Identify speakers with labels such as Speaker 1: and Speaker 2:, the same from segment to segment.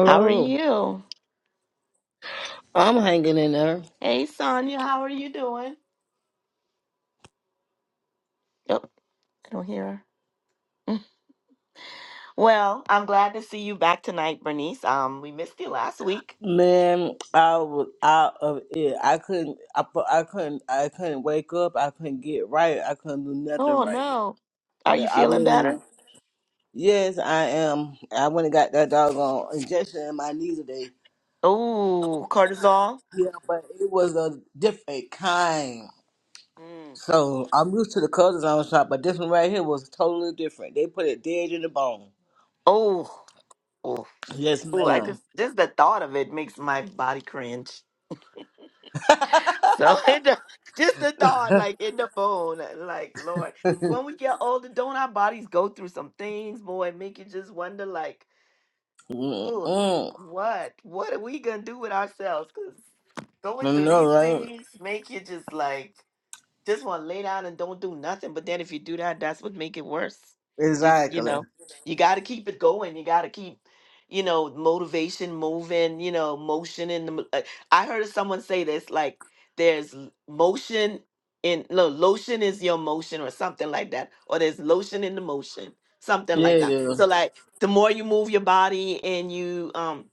Speaker 1: How are you?
Speaker 2: I'm hanging in there.
Speaker 1: Hey, Sonia, how are you doing? Oh, I don't hear her. Well, I'm glad to see you back tonight, Bernice. Um, we missed you last week.
Speaker 2: Man, I was out of it. I couldn't. I, fu- I couldn't. I couldn't wake up. I couldn't get right. I couldn't do nothing
Speaker 1: Oh
Speaker 2: right.
Speaker 1: no, are
Speaker 2: now.
Speaker 1: you
Speaker 2: I
Speaker 1: feeling
Speaker 2: mean,
Speaker 1: better?
Speaker 2: yes, I am. I went and got that doggone injection in my knee today.
Speaker 1: Oh, cortisol.
Speaker 2: Yeah, but it was a different kind.
Speaker 1: Mm.
Speaker 2: So I'm used to the colors on shop, but this one right here was totally different. They put it dead in the bone.
Speaker 1: Oh, oh,
Speaker 2: Yes,
Speaker 1: oh! I
Speaker 2: ma'am.
Speaker 1: just just the thought of it makes my body cringe. So it don't- just the thought, like in the bone, like Lord, when we get older, don't our bodies go through some things, boy? Make you just wonder, like. Ooh,
Speaker 2: Mm-mm.
Speaker 1: what? What are we gonna do with ourselves? Because going
Speaker 2: I
Speaker 1: through
Speaker 2: know,
Speaker 1: these
Speaker 2: right?
Speaker 1: things make you just like just want to lay down and don't do nothing. But then if you do that, that's what make it worse. Just you
Speaker 2: Exactly.
Speaker 1: know, you got to keep it going. You got to keep, you know, motivation moving. You know, motion in the. mo- uh, I heard someone say this like there's l- motion in no lotion is your motion or something like that, or there's lotion in the motion, something
Speaker 2: Yeah,
Speaker 1: like that.
Speaker 2: yeah.
Speaker 1: So like the more you move your body and you um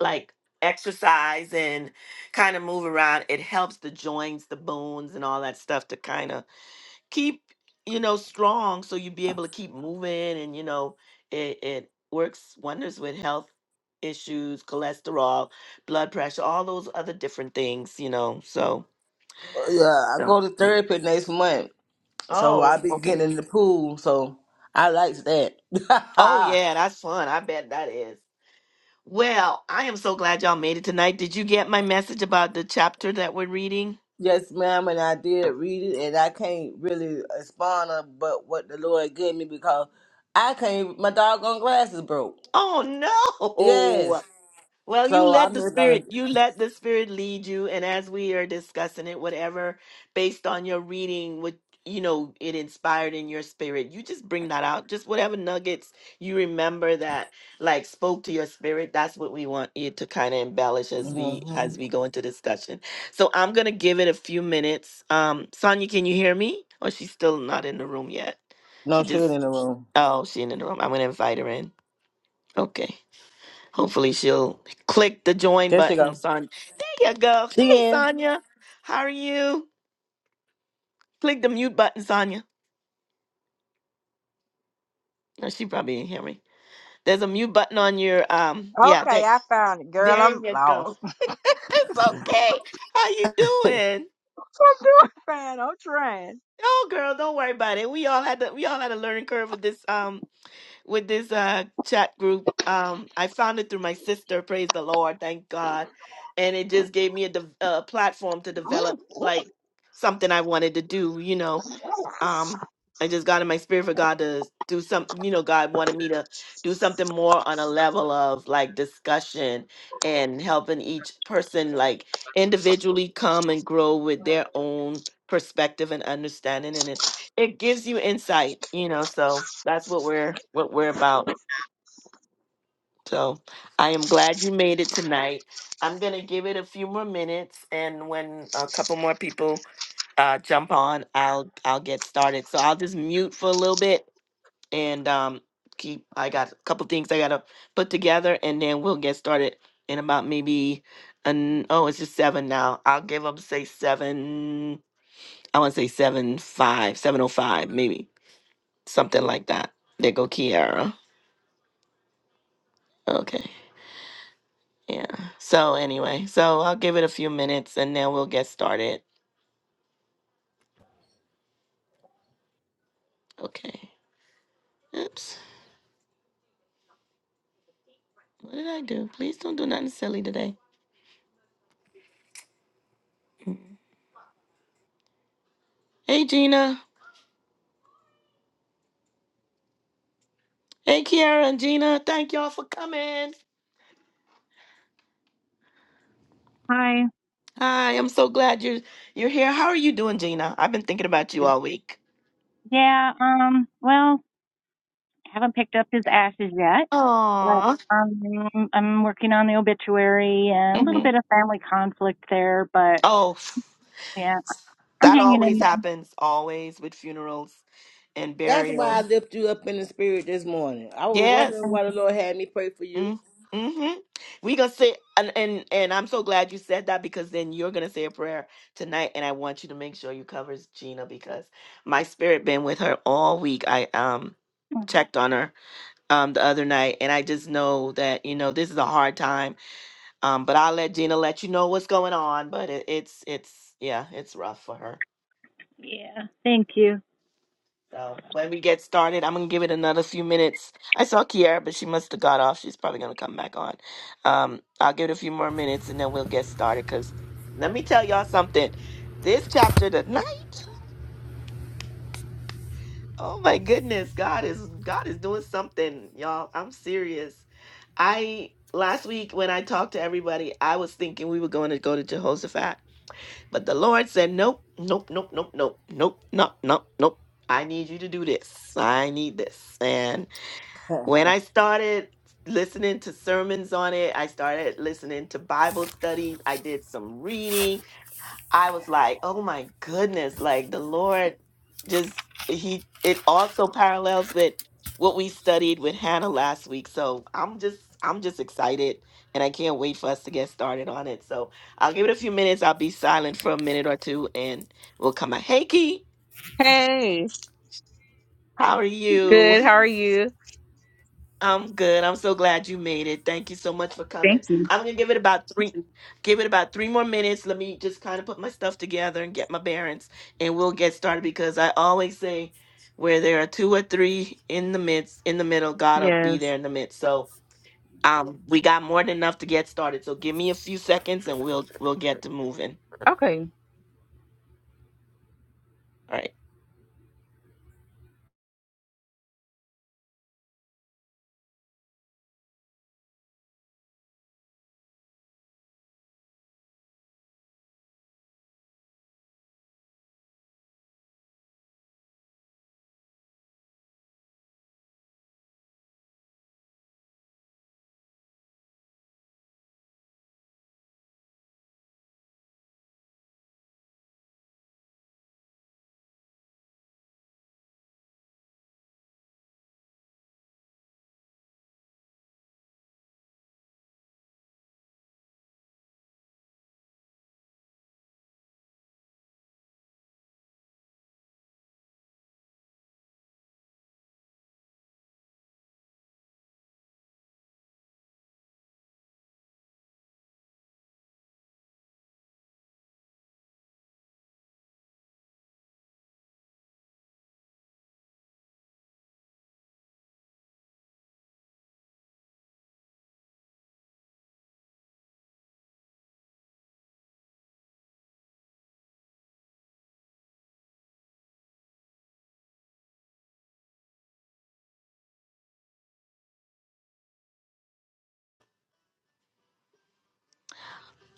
Speaker 1: like exercise and kind of move around it helps the joints the bones and all that stuff to kind of keep you know strong so you be able to keep moving and you know it, it works wonders with health issues cholesterol blood pressure all those other different things you know so
Speaker 2: Yeah, I
Speaker 1: so
Speaker 2: go to
Speaker 1: yeah.
Speaker 2: therapy next month. So I
Speaker 1: oh
Speaker 2: be
Speaker 1: okay
Speaker 2: getting in the pool. So I likes that.
Speaker 1: oh yeah that's fun i bet that is well i am so glad y'all made it tonight did you get my message about the chapter that we're reading
Speaker 2: yes, ma'am, and I did read it and I can't really respond on but what the Lord gave me because I can't my doggone glasses broke.
Speaker 1: Oh
Speaker 2: Yes.
Speaker 1: no. Well, you
Speaker 2: So
Speaker 1: let
Speaker 2: I'm
Speaker 1: the
Speaker 2: just gonna
Speaker 1: spirit, you let the spirit lead you. And as we are discussing it, whatever, based on your reading, what, you know, it inspired in your spirit, you just bring that out. Just whatever nuggets you remember that like spoke to your spirit. That's what we want you to kind of embellish as we,
Speaker 2: hmm
Speaker 1: as we go into discussion. So I'm going to give it a few minutes. Um, Sonia, can you hear me? Or she's still not in the room yet.
Speaker 2: No
Speaker 1: She
Speaker 2: shit in
Speaker 1: just,
Speaker 2: the room.
Speaker 1: oh, she ain't in the room. I'm going to invite her in. Okay. Hopefully she'll click the join
Speaker 2: There she
Speaker 1: button,
Speaker 2: go.
Speaker 1: Sonya. There you go.
Speaker 2: She
Speaker 1: Hey,
Speaker 2: in.
Speaker 1: Sonya. How are you? Click the mute button, Sonya. No, she probably didn't hear me. There's a mute button on your um. Yeah,
Speaker 3: Okay,
Speaker 1: there,
Speaker 3: I found it, girl.
Speaker 1: there
Speaker 3: I'm
Speaker 1: you go.
Speaker 3: lost.
Speaker 1: it's okay. How you doing?
Speaker 3: trying. I'm trying.
Speaker 1: Oh, girl, don't worry about it. We all had to. We all had a learning curve with this um with this uh chat group. Um, I found it through my sister. Praise the Lord, thank God, and it just gave me a, de- a platform to develop like something I wanted to do. You know, um i just got in my spirit for god to do some you know god wanted me to do something more on a level of like discussion and helping each person like individually come and grow with their own perspective and understanding and it it gives you insight you know so that's what we're what we're about so I am glad you made it tonight. I'm going to give it a few more minutes and when a couple more people uh, jump on, I'll I'll get started. So I'll just mute for a little bit and um, keep. I got a couple things I gotta put together, and then we'll get started in about maybe an oh, it's just seven now. I'll give them say seven. I want to say seven five, seven oh five, maybe something like that. There go Kiara. Okay. Yeah. So anyway, so I'll give it a few minutes and then we'll get started. Okay. Oops. What did I do? Please don't do nothing silly today. Hey Gina. Hey Kiara and Gina. Thank y'all for coming.
Speaker 4: Hi.
Speaker 1: Hi, I'm so glad you're you're here. How are you doing, Gina? I've been thinking about you all week.
Speaker 4: Yeah, um, well, haven't picked up his ashes yet, but
Speaker 1: Aw.
Speaker 4: um, I'm working on the obituary and a little
Speaker 1: hmm
Speaker 4: bit of family conflict there, but
Speaker 1: Oh,
Speaker 4: yeah, I'm
Speaker 1: that
Speaker 4: hanging
Speaker 1: always
Speaker 4: in
Speaker 1: happens. Always with funerals and
Speaker 2: That's why I
Speaker 1: burials.
Speaker 2: lift you up in the spirit this morning. I was
Speaker 1: Yes.
Speaker 2: wondering
Speaker 4: there.
Speaker 2: why the Lord had me pray for you.
Speaker 1: Mm-hmm. We're gonna say and, and and I'm so glad you said that because then you're gonna say a prayer tonight and I want you to make sure you covers Gina because my spirit been with her all week. I um checked on her um the other night and I just know that you know this is a hard time. Um but I'll let Gina let you know what's going on, but it, it's it's yeah, it's rough for her.
Speaker 4: Yeah, thank you.
Speaker 1: So when we get started, I'm gonna give it another few minutes. I saw Kiara, but she must have got off. She's probably gonna come back on. Um, I'll give it a few more minutes and then we'll get started. Cause let me tell y'all something. This chapter tonight, oh my goodness, God is God is doing something, y'all. I'm serious. I last week when I talked to everybody, I was thinking we were going to go to Jehoshaphat, but the Lord said, Nope, nope, nope, nope, nope, nope, nope, nope, nope. I need you to do this. I need this. and when I started listening to sermons on it, I started listening to Bible studies, I did some reading. I was like, oh my goodness, like the Lord just, He, it also parallels with what we studied with Hannah last week. So I'm just, I'm just excited and I can't wait for us to get started on it. So I'll give it a few minutes. I'll be silent for a minute or two and we'll come back. Hey, Key,
Speaker 5: Hey,
Speaker 1: how are you?
Speaker 5: good. How are you?
Speaker 1: I'm good. I'm so glad you made it. Thank you so much for
Speaker 5: Thank
Speaker 1: coming.
Speaker 5: you.
Speaker 1: I'm gonna give it about three give it about three more minutes. Let me just kind of put my stuff together and get my bearings and we'll get started because I always say where there are two or three in the midst in the middle, God'll be
Speaker 5: Yes.
Speaker 1: there in the midst. So um we got more than enough to get started. So give me a few seconds and we'll we'll get to moving.
Speaker 5: Okay.
Speaker 1: All right.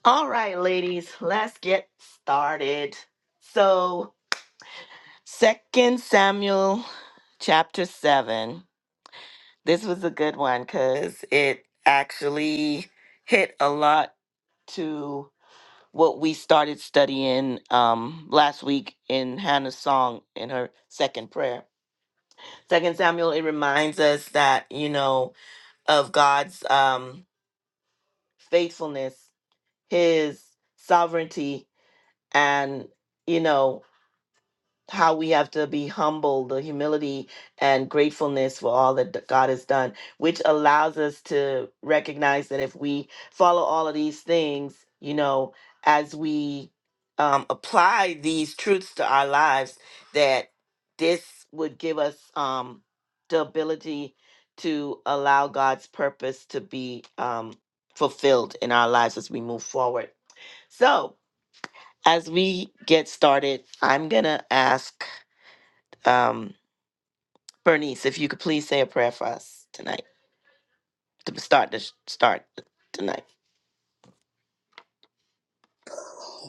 Speaker 1: All right, ladies, let's get started. So Second Samuel chapter seven. This was a good one because it actually hit a lot to what we started studying um, last week in Hannah's song in her second prayer. Second Samuel, it reminds us that, you know, of God's um, faithfulness, his sovereignty, and, you know, how we have to be humble, the humility and gratefulness for all that d- God has done, which allows us to recognize that if we follow all of these things, you know, as we um, apply these truths to our lives, that this would give us um, the ability to allow God's purpose to be um, fulfilled in our lives as we move forward. So, as we get started, I'm going to ask. Um, Bernice, if you could please say a prayer for us tonight to start the start tonight.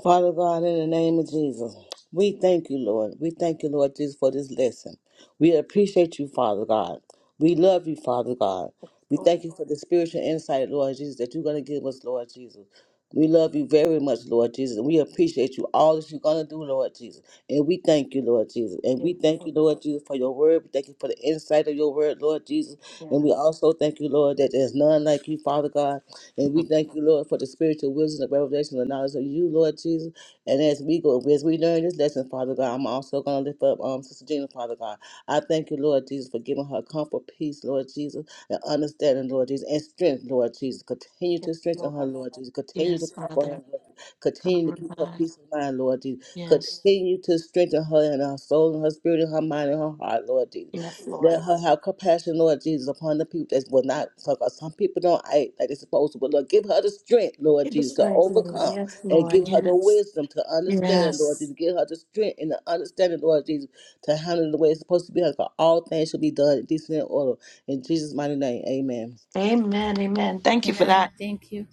Speaker 2: Father God, in the name of Jesus, we thank you, Lord. We thank you, Lord Jesus, for this lesson. We appreciate you, Father God. We love you, Father God. We
Speaker 1: Lord,
Speaker 2: thank you for the spiritual insight, Lord Jesus, that you're going to give us, Lord Jesus. We love you very much, Lord Jesus, and we appreciate you all that you're going to do, Lord Jesus. And we thank you, Lord Jesus. And
Speaker 1: yes,
Speaker 2: we thank you,
Speaker 1: Lord,
Speaker 2: Lord Jesus, for your word. We thank you for the insight of your word, Lord Jesus.
Speaker 1: yes.
Speaker 2: And we also thank you, Lord, that there's none like you, Father God. And we thank you, Lord, for the spiritual wisdom, the revelation, the knowledge of you, Lord Jesus. And as we go, as we learn this lesson, Father God, I'm also going to lift up um, Sister Gina, Father God. I thank you, Lord Jesus, for giving her comfort, peace, Lord Jesus, and understanding, Lord Jesus, and strength, Lord Jesus. Continue to strengthen her, Lord Jesus. Continue to comfort her, Lord Jesus. Continue to keep her peace of mind, Lord Jesus. Continue to strengthen her in her soul, and her spirit, and her mind, and her heart, Lord Jesus. Let her have compassion, Lord Jesus, upon the people that will not, because some people don't act like they're supposed to. But Lord, give her the strength, Lord Jesus, to overcome and give her the wisdom to understand, Lord Jesus. Give her the strength and the understanding, Lord Jesus, to handle it the way it's supposed to be. Because all things should be done in decent order. In Jesus' mighty name, amen.
Speaker 1: Amen, amen. Thank you for
Speaker 4: Amen.
Speaker 1: that.
Speaker 4: Thank you.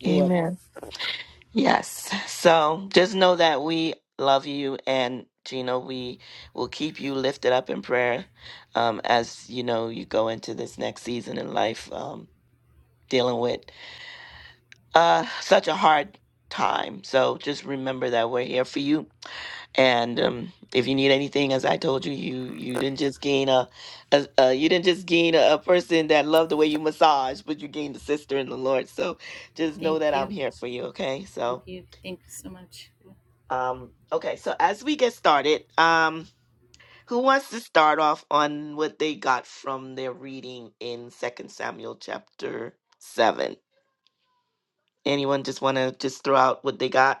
Speaker 2: You're welcome.
Speaker 1: Yes. So just know that we love you and Gina, we will keep you lifted up in prayer um, as you know you go into this next season in life um, dealing with uh, such a hard time. So just remember that we're here for you. And um, if you need anything, as I told you, you you didn't just gain a, a, a you didn't just gain a, a person that loved the way you massage, but you gained a sister in the Lord. So just know that
Speaker 4: Thank
Speaker 1: I'm
Speaker 4: you.
Speaker 1: here for you. Okay.
Speaker 4: Thank
Speaker 1: So
Speaker 4: you. Thank you so much.
Speaker 1: um, okay. So as we get started, um, who wants to start off on what they got from their reading in Second Samuel chapter seven? Anyone just want to just throw out what they got?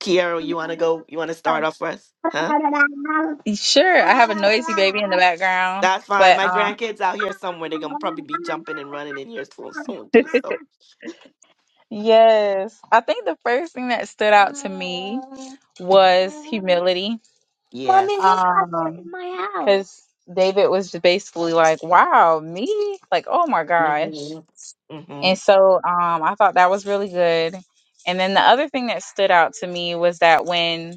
Speaker 1: Kiara, you want to
Speaker 5: You
Speaker 1: go? You want to start off for us? Huh?
Speaker 5: Sure. I have a noisy baby in the background,
Speaker 1: That's fine.
Speaker 5: but
Speaker 1: My
Speaker 5: um,
Speaker 1: grandkids out here somewhere. They're gonna probably be jumping and running in here soon, soon too. So,
Speaker 5: yes. I think the first thing that stood out to me
Speaker 1: hmm
Speaker 5: was humility. Mommy,
Speaker 1: yes,
Speaker 5: Because David was just basically like, "Wow, me? Like, oh my gosh."
Speaker 1: hmm
Speaker 5: And so um, I thought that was really good. And then the other thing that stood out to me was that when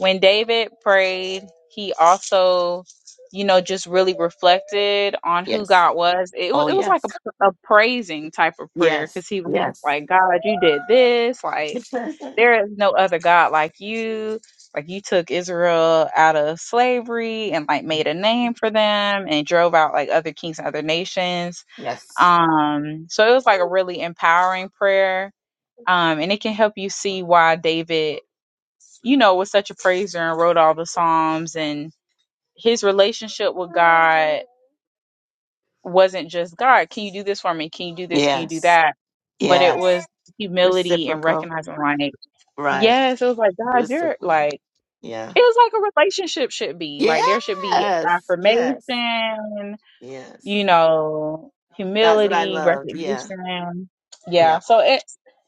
Speaker 5: when David prayed, he also, you know, just really reflected on who
Speaker 1: yes,
Speaker 5: God was. It, wa-
Speaker 1: oh
Speaker 5: it was like
Speaker 1: yes,
Speaker 5: a, a praising type of prayer
Speaker 1: yes,
Speaker 5: because he was just
Speaker 1: yes,
Speaker 5: like, God, you did this. Like, there is no other God like you. Like, you took Israel out of slavery and like made a name for them and drove out like other kings and other nations
Speaker 1: yes,
Speaker 5: um, so it was like a really empowering prayer. Um, and it can help you see why David, you know, was such a praiser and wrote all the Psalms and his relationship with God wasn't just God, can you do this for me? Can you do this? Can you do
Speaker 1: yes,
Speaker 5: that? But it
Speaker 1: yes.
Speaker 5: was humility and
Speaker 1: Reciprocal,
Speaker 5: recognizing like,
Speaker 1: right?
Speaker 5: yes, it was like, God, you're
Speaker 1: Reciprocal.
Speaker 5: like, it
Speaker 1: Yeah.
Speaker 5: was like a relationship should be. Like there should be
Speaker 1: Yes. Yes.
Speaker 5: affirmation,
Speaker 1: Yes.
Speaker 5: you know,
Speaker 1: That's what I
Speaker 5: humility,
Speaker 1: loved. Yeah.
Speaker 5: recognition. Yeah.
Speaker 1: Yeah.
Speaker 5: So it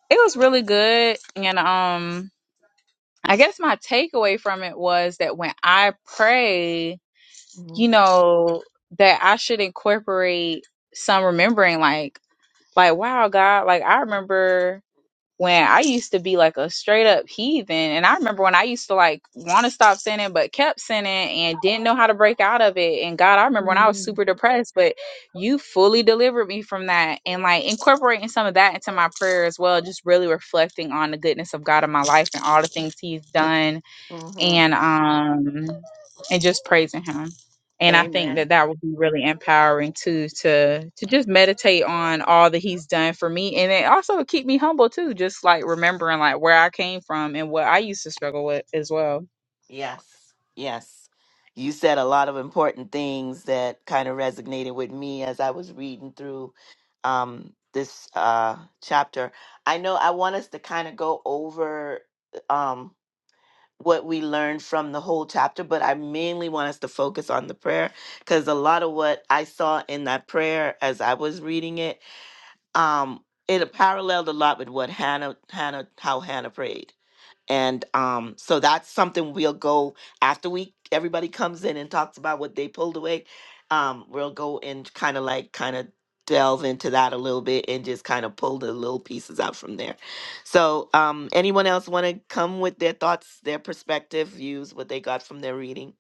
Speaker 5: it was really good. And um I guess my takeaway from it was that when I pray, you know, that I should incorporate some remembering like like wow God, like I remember when I used to be like a straight up heathen. And I remember when I used to like want to stop sinning, but kept sinning and didn't know how to break out of it. And God, I remember when I was super depressed, but you fully delivered me from that. And like incorporating some of that into my prayer as well, just really reflecting on the goodness of God in my life and all the things He's done
Speaker 1: hmm
Speaker 5: and um and just praising him and i
Speaker 1: Amen.
Speaker 5: think that that would be really empowering too to to just meditate on all that he's done for me and it also would keep me humble too just like remembering like where i came from and what i used to struggle with as well
Speaker 1: Yes, yes. You said a lot of important things that kind of resonated with me as I was reading through um, this uh, chapter. I know I want us to kind of go over um, what we learned from the whole chapter, but I mainly want us to focus on the prayer because a lot of what I saw in that prayer as I was reading it, um, it paralleled a lot with what Hannah, Hannah, how Hannah prayed and um so that's something we'll go after we everybody comes in and talks about what they pulled away um we'll go and kind of like kind of delve into that a little bit and just kind of pull the little pieces out from there so um anyone else want to come with their thoughts their perspective views what they got from their reading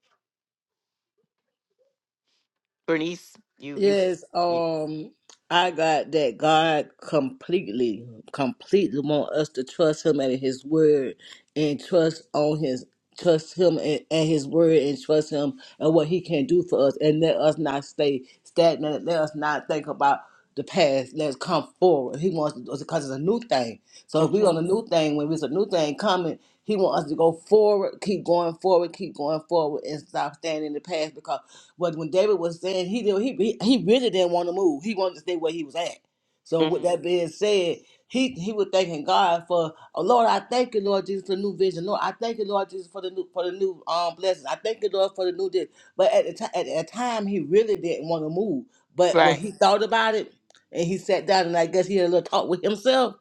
Speaker 1: bernice you you, f-
Speaker 2: Yes,
Speaker 1: you
Speaker 2: um, I got that God completely, completely want us to trust Him and His Word, and trust on His, trust Him and, and His Word, and trust Him and what He can do for us, and let us not stay stagnant. Let us not think about the past. Let's come forward. He wants us because it's a new thing. So if we on a
Speaker 1: mm-hmm,
Speaker 2: new thing, when it's a new thing coming. He wants us to go forward, keep going forward, keep going forward, and stop standing in the past. Because what when David was saying, he did, he he really didn't want to move. He wanted to stay where he was at. So with
Speaker 1: mm,
Speaker 2: that being said, he he was thanking God for, oh Lord, I thank you, Lord Jesus, for the new vision. Lord, I thank you, Lord Jesus, for the new for the new um blessings. I thank you, Lord, for the new this. But at the time, at that time, he really didn't want to move. But when
Speaker 1: right
Speaker 2: he thought about it, and he sat down, and I guess he had a little talk with himself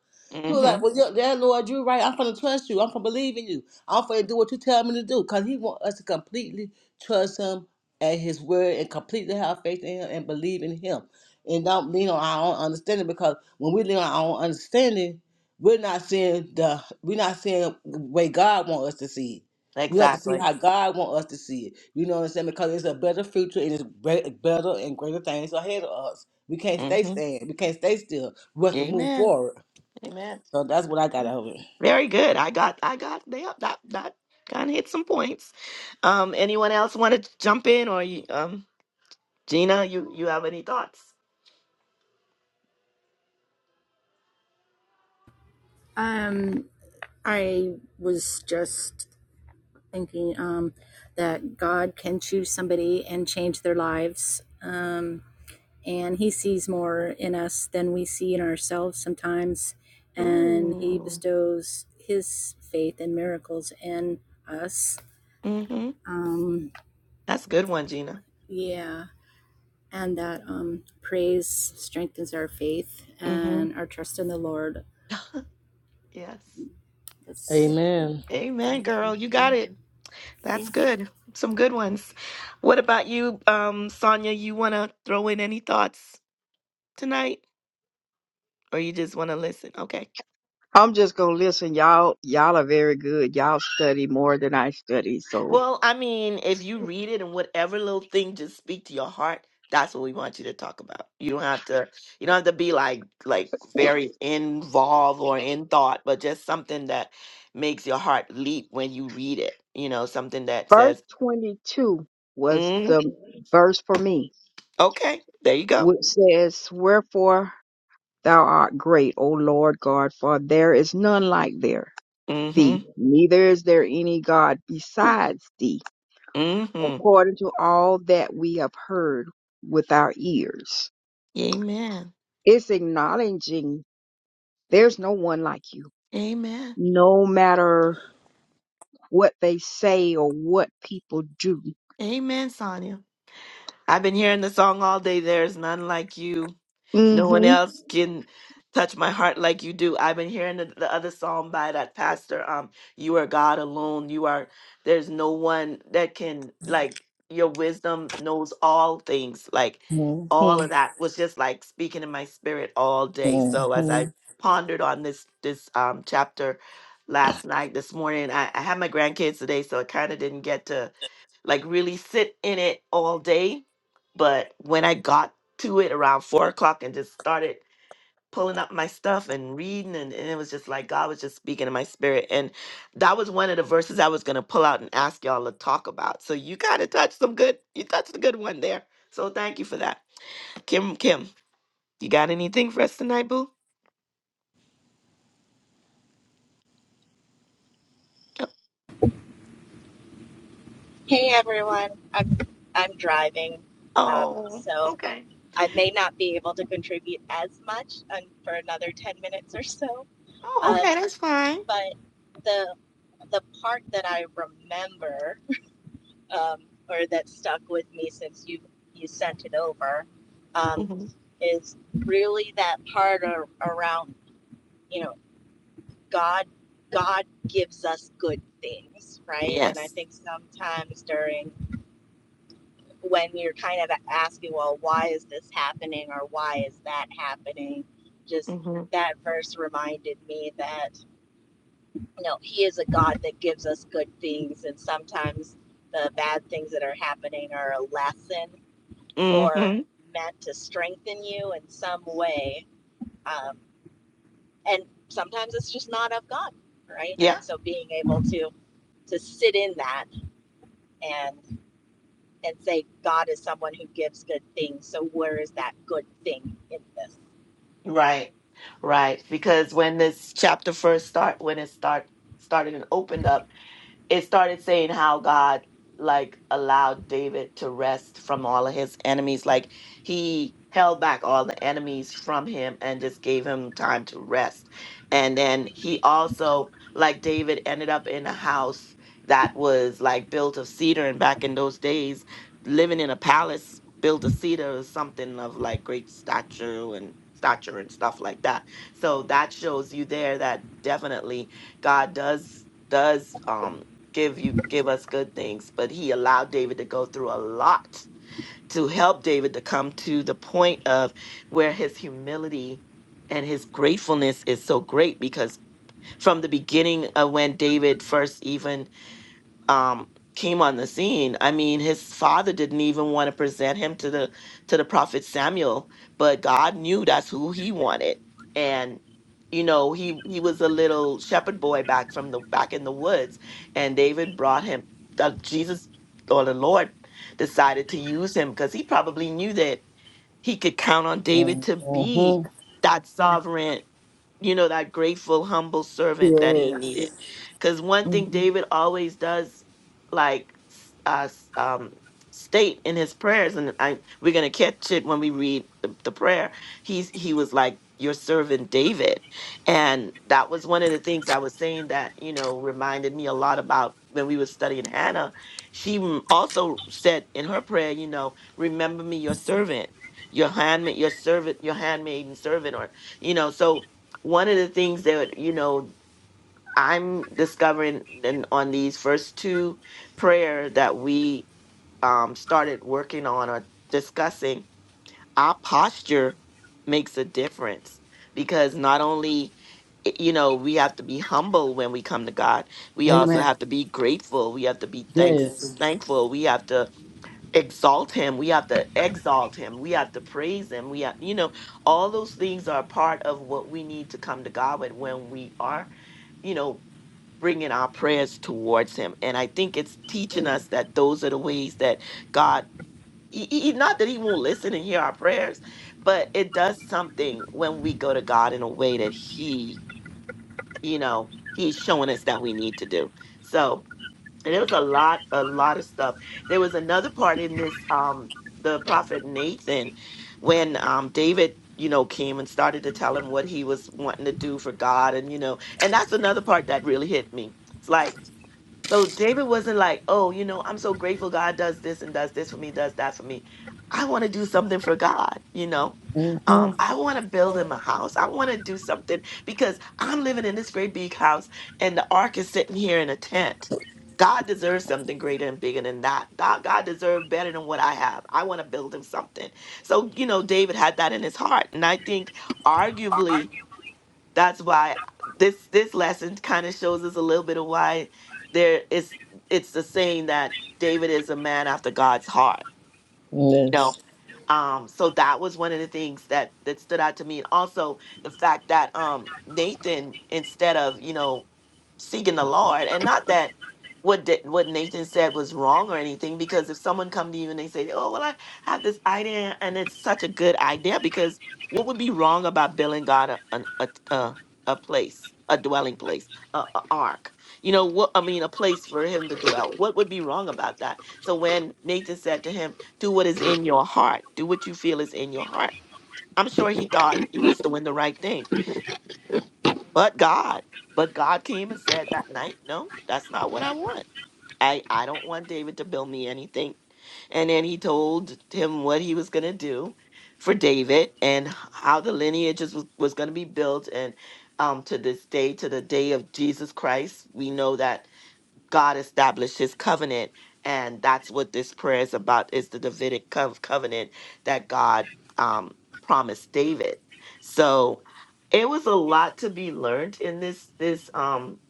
Speaker 2: he was
Speaker 1: mm-hmm
Speaker 2: like, "Well, yeah, yeah, Lord, you're right. I'm gonna trust you. I'm gonna believe in you. I'm gonna do what you tell me to do." Cause he want us to completely trust him at his word and completely have faith in him and believe in him, and don't lean on our own understanding. Because when we lean on our own understanding, we're not seeing the we're not seeing the way God want us to see it. We have to see
Speaker 1: exactly
Speaker 2: how God want us to see it. You know what I'm saying? Because it's a better future and it's great, better and greater things ahead of us. We can't stay
Speaker 1: mm-hmm
Speaker 2: stand. We can't stay still. We have to move
Speaker 1: amen
Speaker 2: forward.
Speaker 1: amen
Speaker 2: So that's what I got out of it.
Speaker 1: Very good. I got I got yeah, that that kind of hit some points. Um, anyone else want to jump in or you, um, Gina, you you have any thoughts?
Speaker 4: Um, I was thinking um, that can change their lives. Um, and he sees more in us than we see in ours. faith and miracles in us
Speaker 1: Mm-hmm.
Speaker 4: um,
Speaker 1: That's a good one, Gina.
Speaker 4: uh, and um, faith
Speaker 1: Mm-hmm.
Speaker 4: and our trust in the lord
Speaker 1: Yes.
Speaker 4: that's
Speaker 2: Amen.
Speaker 1: Amen,
Speaker 4: thank you
Speaker 1: girl. You got
Speaker 4: yeah
Speaker 1: it. That's
Speaker 4: yeah
Speaker 1: good. Some good ones. What about you, um, Sonia? You want to throw in any thoughts tonight, or you just want to listen? Okay.
Speaker 3: I'm just gonna listen. Y'all, y'all are very good. Y'all study more than I study. So
Speaker 1: Well, I mean, if you read it and whatever little thing just speak to your heart, that's what we want you to talk about. You don't have to you don't have to be like like very involved or in thought, but just something that makes your heart leap when you read it. You know, something that
Speaker 3: verse
Speaker 1: says,
Speaker 3: 22 was
Speaker 1: mm,
Speaker 3: the verse for me,
Speaker 1: okay, there you go.
Speaker 3: which says, wherefore thou art great, O Lord God, for there is none like there
Speaker 1: Mm-hmm.
Speaker 3: thee, neither is there any God besides thee,
Speaker 1: Mm-hmm.
Speaker 3: according to all that we have heard with our ears.
Speaker 1: Amen.
Speaker 3: It's acknowledging there's no one like you.
Speaker 1: Amen.
Speaker 3: no matter what they say or what people do.
Speaker 1: Amen, Sonia. I've been hearing the song all day. There's none like you. No one
Speaker 3: hmm
Speaker 1: else can touch my heart like you do. I've been hearing the, the other song by that pastor. Um, you are God alone. You are. There's no one that can like your wisdom knows all things. Like all
Speaker 2: Mhm.
Speaker 1: of that was just like speaking in my spirit all day. So as I
Speaker 2: Mhm.
Speaker 1: pondered on this this um chapter last night, this morning, I, I had my grandkids today, so I kind of didn't get to like really sit in it all day. But when I got to it around four o'clock and just started pulling up my stuff and reading, and, and it was just like God was just speaking in my spirit. And that was one of the verses I was going to pull out and ask y'all to talk about. So you kind of touched some good, you touched a good one there. So thank you for that. Kim, Kim, you got anything for us tonight, boo? Yep.
Speaker 6: Hey everyone, I'm I'm driving, um,
Speaker 1: Oh,
Speaker 6: so
Speaker 1: okay.
Speaker 6: I may not be able to contribute as much um, for another ten minutes or so.
Speaker 1: Oh,
Speaker 6: Um,
Speaker 1: okay. That's fine.
Speaker 6: but the the part that I remember um, or that stuck with me since you you sent it over um,
Speaker 1: hmm
Speaker 6: is really that part ar- around you know God God gives us good things, right? And I
Speaker 1: Yes.
Speaker 6: think sometimes during when you're kind of asking, well, why is this happening or why is that happening? Just that verse reminded me that, you know, He is a God that gives us good things. And sometimes the bad things that are happening are a lesson or
Speaker 1: Mm-hmm.
Speaker 6: meant to strengthen you in some way. Um, and sometimes it's just not of God, right?
Speaker 1: Yeah.
Speaker 6: And so being able to to sit in that and and say God is someone who gives good things. So where is that good thing in this?
Speaker 1: Right, right. Because when this chapter first start, when it start started and opened up, it started saying how God like allowed David to rest from all of his enemies. Like he held back all the enemies from him and just gave him time to rest. And then he also, like David, ended up in a house that was like built of cedar. And back in those days, living in a palace built of cedar was something of like great stature and stature and stuff like that. So that shows you there that definitely God does does um give you give us good things but he allowed david to go through a lot to help david to come to the point of where his humility and his gratefulness is so great because from the beginning of when david first even um came on the scene i mean his father didn't even want to present him to the to the prophet samuel but god knew that's who he wanted and you know he he was a little shepherd boy back from the back in the woods and david brought him uh, jesus or the lord decided to use him because he probably knew that he could count on david to be
Speaker 2: Mhm.
Speaker 1: that sovereign you know, that grateful, humble servant that he needed.
Speaker 2: Yes.
Speaker 1: Because one
Speaker 6: Mhm.
Speaker 1: thing David always does, like, s- uh, s- um, state in his prayers, and I we're gonna catch it when we read the, the prayer. He's he was like your servant David, and that was one of the things I was saying that you know reminded me a lot about when we were studying Hannah. She m- also said in her prayer, you know, remember me, your servant, your handmaid, your servant, your handmaiden servant, or you know, so one of the things that you know i'm discovering and on these first two prayer that we um, started working on or discussing our posture makes a difference because not only i- you know we have to be humble when we come to god we also
Speaker 2: Amen.
Speaker 1: have to be grateful we have to be thanks
Speaker 2: Yes.
Speaker 1: thankful we have to exalt him we have to exalt him we have to praise him we have you know all those things are part of what we need to come to god with when we are you know bringing our prayers towards him and i think it's teaching
Speaker 6: Mm.
Speaker 1: us that those are the ways that god he, he- not that he won't listen and hear our prayers but it does something when we go to god in a way that he you know he's showing us that we need to do so and it was a lot a lot of stuff there was another part in this um the prophet nathan when um david you know came and started to tell him what he was wanting to do for god and you know and that's another part that really hit me it's like so David wasn't like, oh, you know, I'm so grateful God does this and does this for me, does that for me. I want to do something for God, you know. Um,
Speaker 2: Mhm.
Speaker 1: I want to build
Speaker 6: Mm.
Speaker 1: him a house. I want to do something because I'm living in this great big house and the ark is sitting here in a tent. God deserves something greater and bigger than that. God, God deserves better than what I have. I want to build him something. So, you know, David had that in his heart. And I think arguably that's why this this lesson kind of shows us a little bit of why there is it's the saying that David is a man after God's heart you
Speaker 2: Yes.
Speaker 1: know um so that was one of the things that that stood out to me and also the fact that um nathan instead of you know seeking the lord and not that what did, what nathan said was wrong or anything because if someone come to you and they say oh well i have this idea and it's such a good idea because what would be wrong about building god a an- a, a, a place a dwelling place a, a ark you know what i mean a place for him to dwell what would be wrong about that so when nathan said to him do what is in your heart. Do what you feel is in your heart. I'm sure he thought he was doing the right thing. But God, but God came and said that night, no, that's not what I want. I, I don't want David to build me anything. And then he told him what he was going to do for David and how the lineages was, was going to be built. And um, to this day, to the day of Jesus Christ, we know that God established his covenant. And that's what this prayer is about is the Davidic cov- covenant that God um, promised David. So it was a lot to be learned in this this um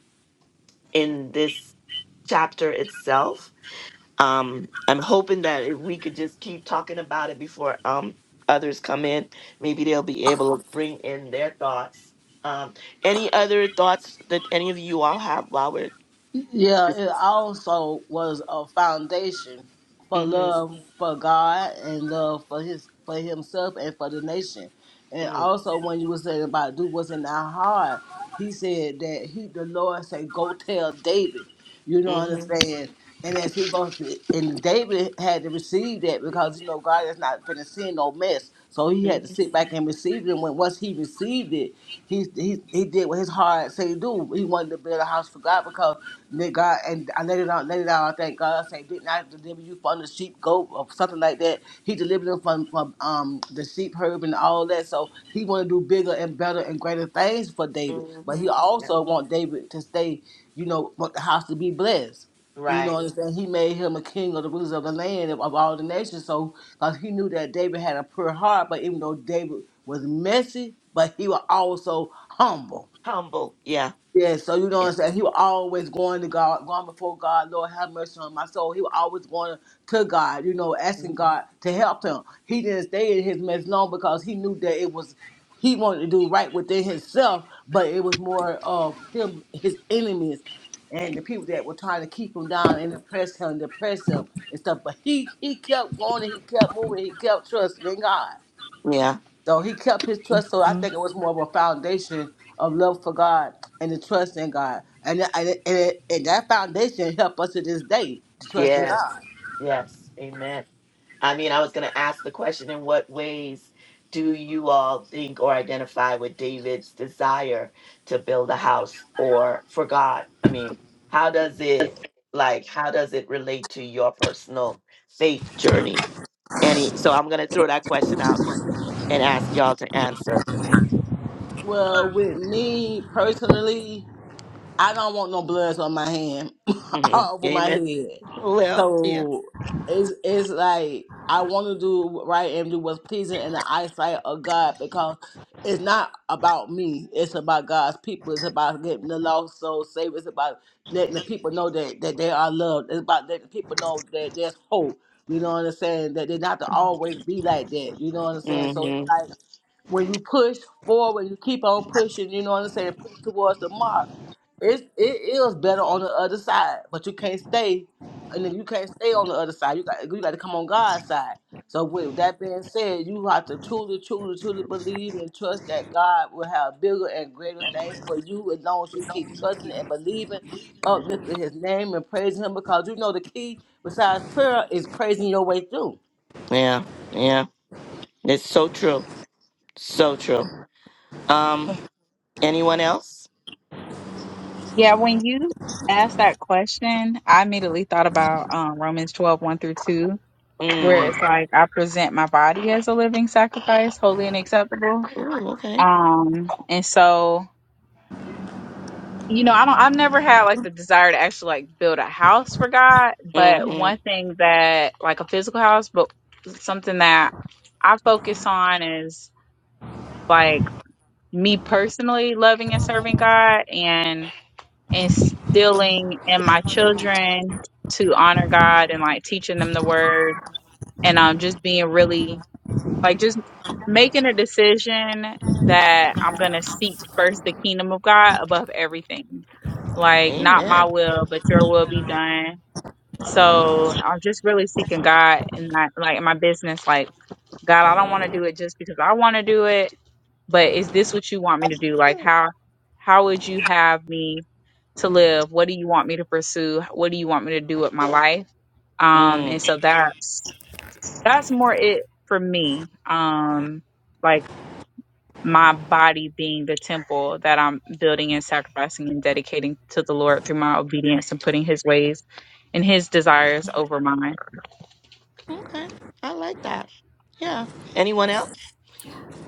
Speaker 1: in this chapter itself. Um I'm hoping that if we could just keep talking about it before um others come in, maybe they'll be able to bring in their thoughts. Um any other thoughts that any of you all have while we're
Speaker 2: Yeah, it also was a foundation for
Speaker 1: Mhm,
Speaker 2: love for God and love for his for himself and for the nation. And
Speaker 1: mhm,
Speaker 2: also when you were saying about do what's in our heart, he said that he the Lord said, Go tell David. You know what
Speaker 1: mhm.
Speaker 2: I'm saying? And as he goes to, and David had to receive that because you know God is not finna send no mess. So he had to sit back and receive it. And when once he received it, he he he did what his heart say do. He wanted to build a house for God because that God and I let it out, let it out. I thank God. I say, didn't I deliver you from the sheep goat or something like that? He delivered him from from um the sheep herb and all that. So he want to do bigger and better and greater things for David, but he
Speaker 1: Mm-hmm.
Speaker 2: also want David to stay. You know, want the house to be blessed. You know
Speaker 1: Right.
Speaker 2: what I'm saying? He made him a king of the rulers of the land of, of all the nations. So because he knew that David had a pure heart. But even though David was messy, but he was also humble.
Speaker 1: Humble. Yeah.
Speaker 2: Yeah, so you know what
Speaker 1: Yeah.
Speaker 2: I'm saying? He was always going to God, going before God, Lord have mercy on my soul. He was always going to God, you know, asking God
Speaker 1: hmm
Speaker 2: to help him. He didn't stay in his mess long because he knew that it was he wanted to do right within himself, but it was more of him, his enemies, and the people that were trying to keep him down and oppress him, depress him and stuff. But he he kept going and he kept moving, he kept trusting in God.
Speaker 1: Yeah.
Speaker 2: So he kept his trust. So I think it was more of a foundation of love for God and the trust in God. And, and, and, and that foundation helped us to this day to trust in
Speaker 1: Yes.
Speaker 2: God.
Speaker 1: Yes. Amen. I mean, I was going to ask the question in what ways do you all think or identify with David's desire to build a house or for God? I mean, how does it like how does it relate to your personal faith journey? Any so I'm gonna throw that question out and ask y'all to answer.
Speaker 2: Well, with me personally, I don't want no bloods on my hand,
Speaker 1: hmm
Speaker 2: all over my
Speaker 1: Amen.
Speaker 2: head.
Speaker 1: Well, yeah.
Speaker 2: So it's it's like I want to do right and do what's pleasing in the eyesight of God because it's not about me. It's about God's people. It's about getting the lost souls saved. It's about letting the people know that, that they are loved. It's about letting people know that there's hope. You know what I'm saying? That they not to always be like that. You know what I'm saying? So it's like when you push forward, you keep on pushing, you know what I'm saying, push towards the mark. It's it is better on the other side, but you can't stay and then you can't stay on the other side. You got you gotta come on God's side. So with that being said, you have to truly, truly, truly believe and trust that God will have bigger and greater things for you as long as you keep trusting and believing, uplifting his name and praising him because you know the key besides prayer is praising your way through.
Speaker 1: Yeah, yeah. It's so true. So true. Um, anyone else?
Speaker 5: yeah when you asked that question i immediately thought about um, romans twelve one through 2 where
Speaker 1: Mm.
Speaker 5: it's like i present my body as a living sacrifice holy and acceptable
Speaker 1: Ooh, okay.
Speaker 5: um and so you know, I don't I've never had like the desire to actually like build a house for God, but
Speaker 1: Mm-hmm.
Speaker 5: one thing that like a physical house, but something that I focus on is like me personally loving and serving God and instilling in my children to honor God and like teaching them the word and um just being really like just making a decision that I'm gonna seek first the kingdom of God above everything. Like not my
Speaker 1: Amen.
Speaker 5: will, but your will be done. So I'm just really seeking God in my like in my business, like God, I don't want to do it just because I want to do it, but is this what you want me to do? Like how how would you have me to live? What do you want me to pursue? What do you want me to do with my life? Um and
Speaker 1: Mm.
Speaker 5: so that's that's more it for me. Um like my body being the temple that I'm building and sacrificing and dedicating to the Lord through my obedience and putting His ways and His desires over mine.
Speaker 1: Okay. I like that. Yeah. Anyone else?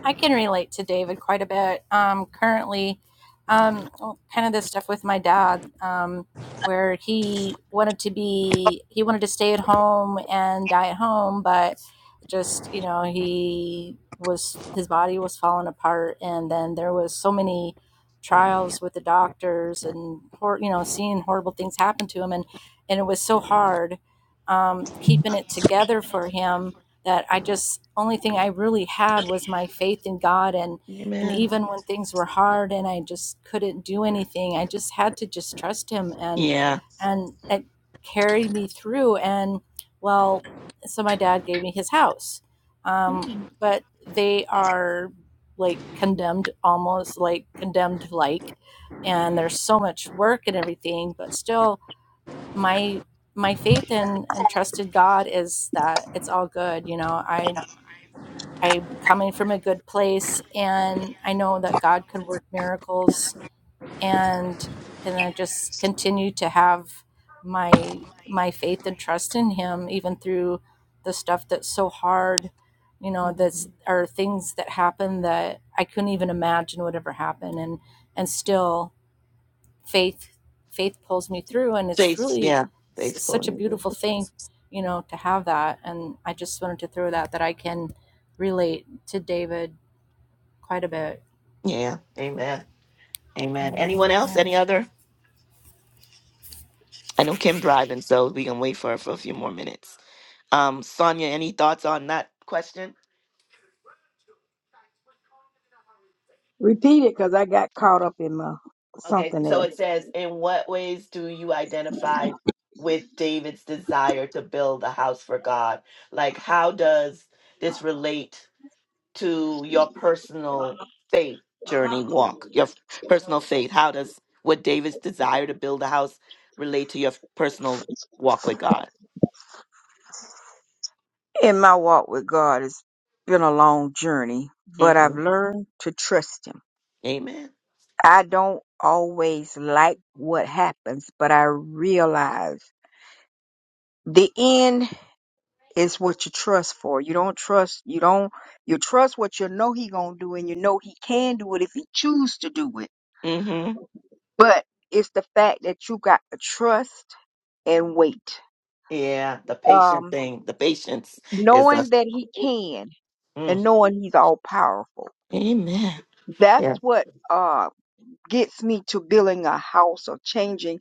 Speaker 4: I can relate to David quite a bit. Um, currently, um, well, kind of this stuff with my dad, um, where he wanted to be, he wanted to stay at home and die at home, but just you know, he was his body was falling apart, and then there was so many trials with the doctors and hor- you know seeing horrible things happen to him, and and it was so hard um, keeping it together for him that I just only thing I really had was my faith in God and and
Speaker 1: Amen.
Speaker 4: even when things were hard and I just couldn't do anything, I just had to just trust him and
Speaker 1: Yeah.
Speaker 4: and it carried me through and well, so my dad gave me his house. Um, but they are like condemned almost like condemned like and there's so much work and everything, but still my my faith in and trusted God is that it's all good. You know, I I'm coming from a good place and I know that God can work miracles and and I just continue to have my my faith and trust in him even through the stuff that's so hard you know that's are things that happen that I couldn't even imagine would ever happen and and still faith faith pulls me through and it's
Speaker 1: Faith.
Speaker 4: really
Speaker 1: Yeah.
Speaker 4: s-
Speaker 1: Faithful.
Speaker 4: such a
Speaker 1: and good.
Speaker 4: beautiful thing you know to have that and i just wanted to throw that that i can relate to david quite a bit
Speaker 1: Yeah. Amen.
Speaker 4: you
Speaker 1: Amen.
Speaker 4: know
Speaker 1: Anyone else?
Speaker 4: yeah
Speaker 1: Any other? I know Kim driving, so we can wait for her for a few more minutes. Um, Sonia, any thoughts on that question?
Speaker 3: Repeat it because I got caught up in my
Speaker 1: Okay,
Speaker 3: something
Speaker 1: so it
Speaker 3: else.
Speaker 1: says, in what ways do you identify with David's desire to build a house for God? Like, how does this relate to your personal faith journey walk? Your f- personal faith. How does what David's desire to build a house relate to your f- personal walk with God?
Speaker 3: In my walk with God, it's been a long journey, but I've
Speaker 1: hmm
Speaker 3: learned to trust Him.
Speaker 1: Amen.
Speaker 3: I don't always like what happens, but I realize the end. It's what you trust for. You don't trust, you don't, you trust what you know he gonna do and you know he can do it if he choose to do it.
Speaker 1: hmm
Speaker 3: But it's the fact that you got to trust and wait.
Speaker 1: Yeah, the patient
Speaker 3: Um,
Speaker 1: thing. The patience is a.
Speaker 3: knowing that he can and
Speaker 1: Mm.
Speaker 3: knowing he's all powerful.
Speaker 1: Amen.
Speaker 3: That's what uh gets me to building a house or changing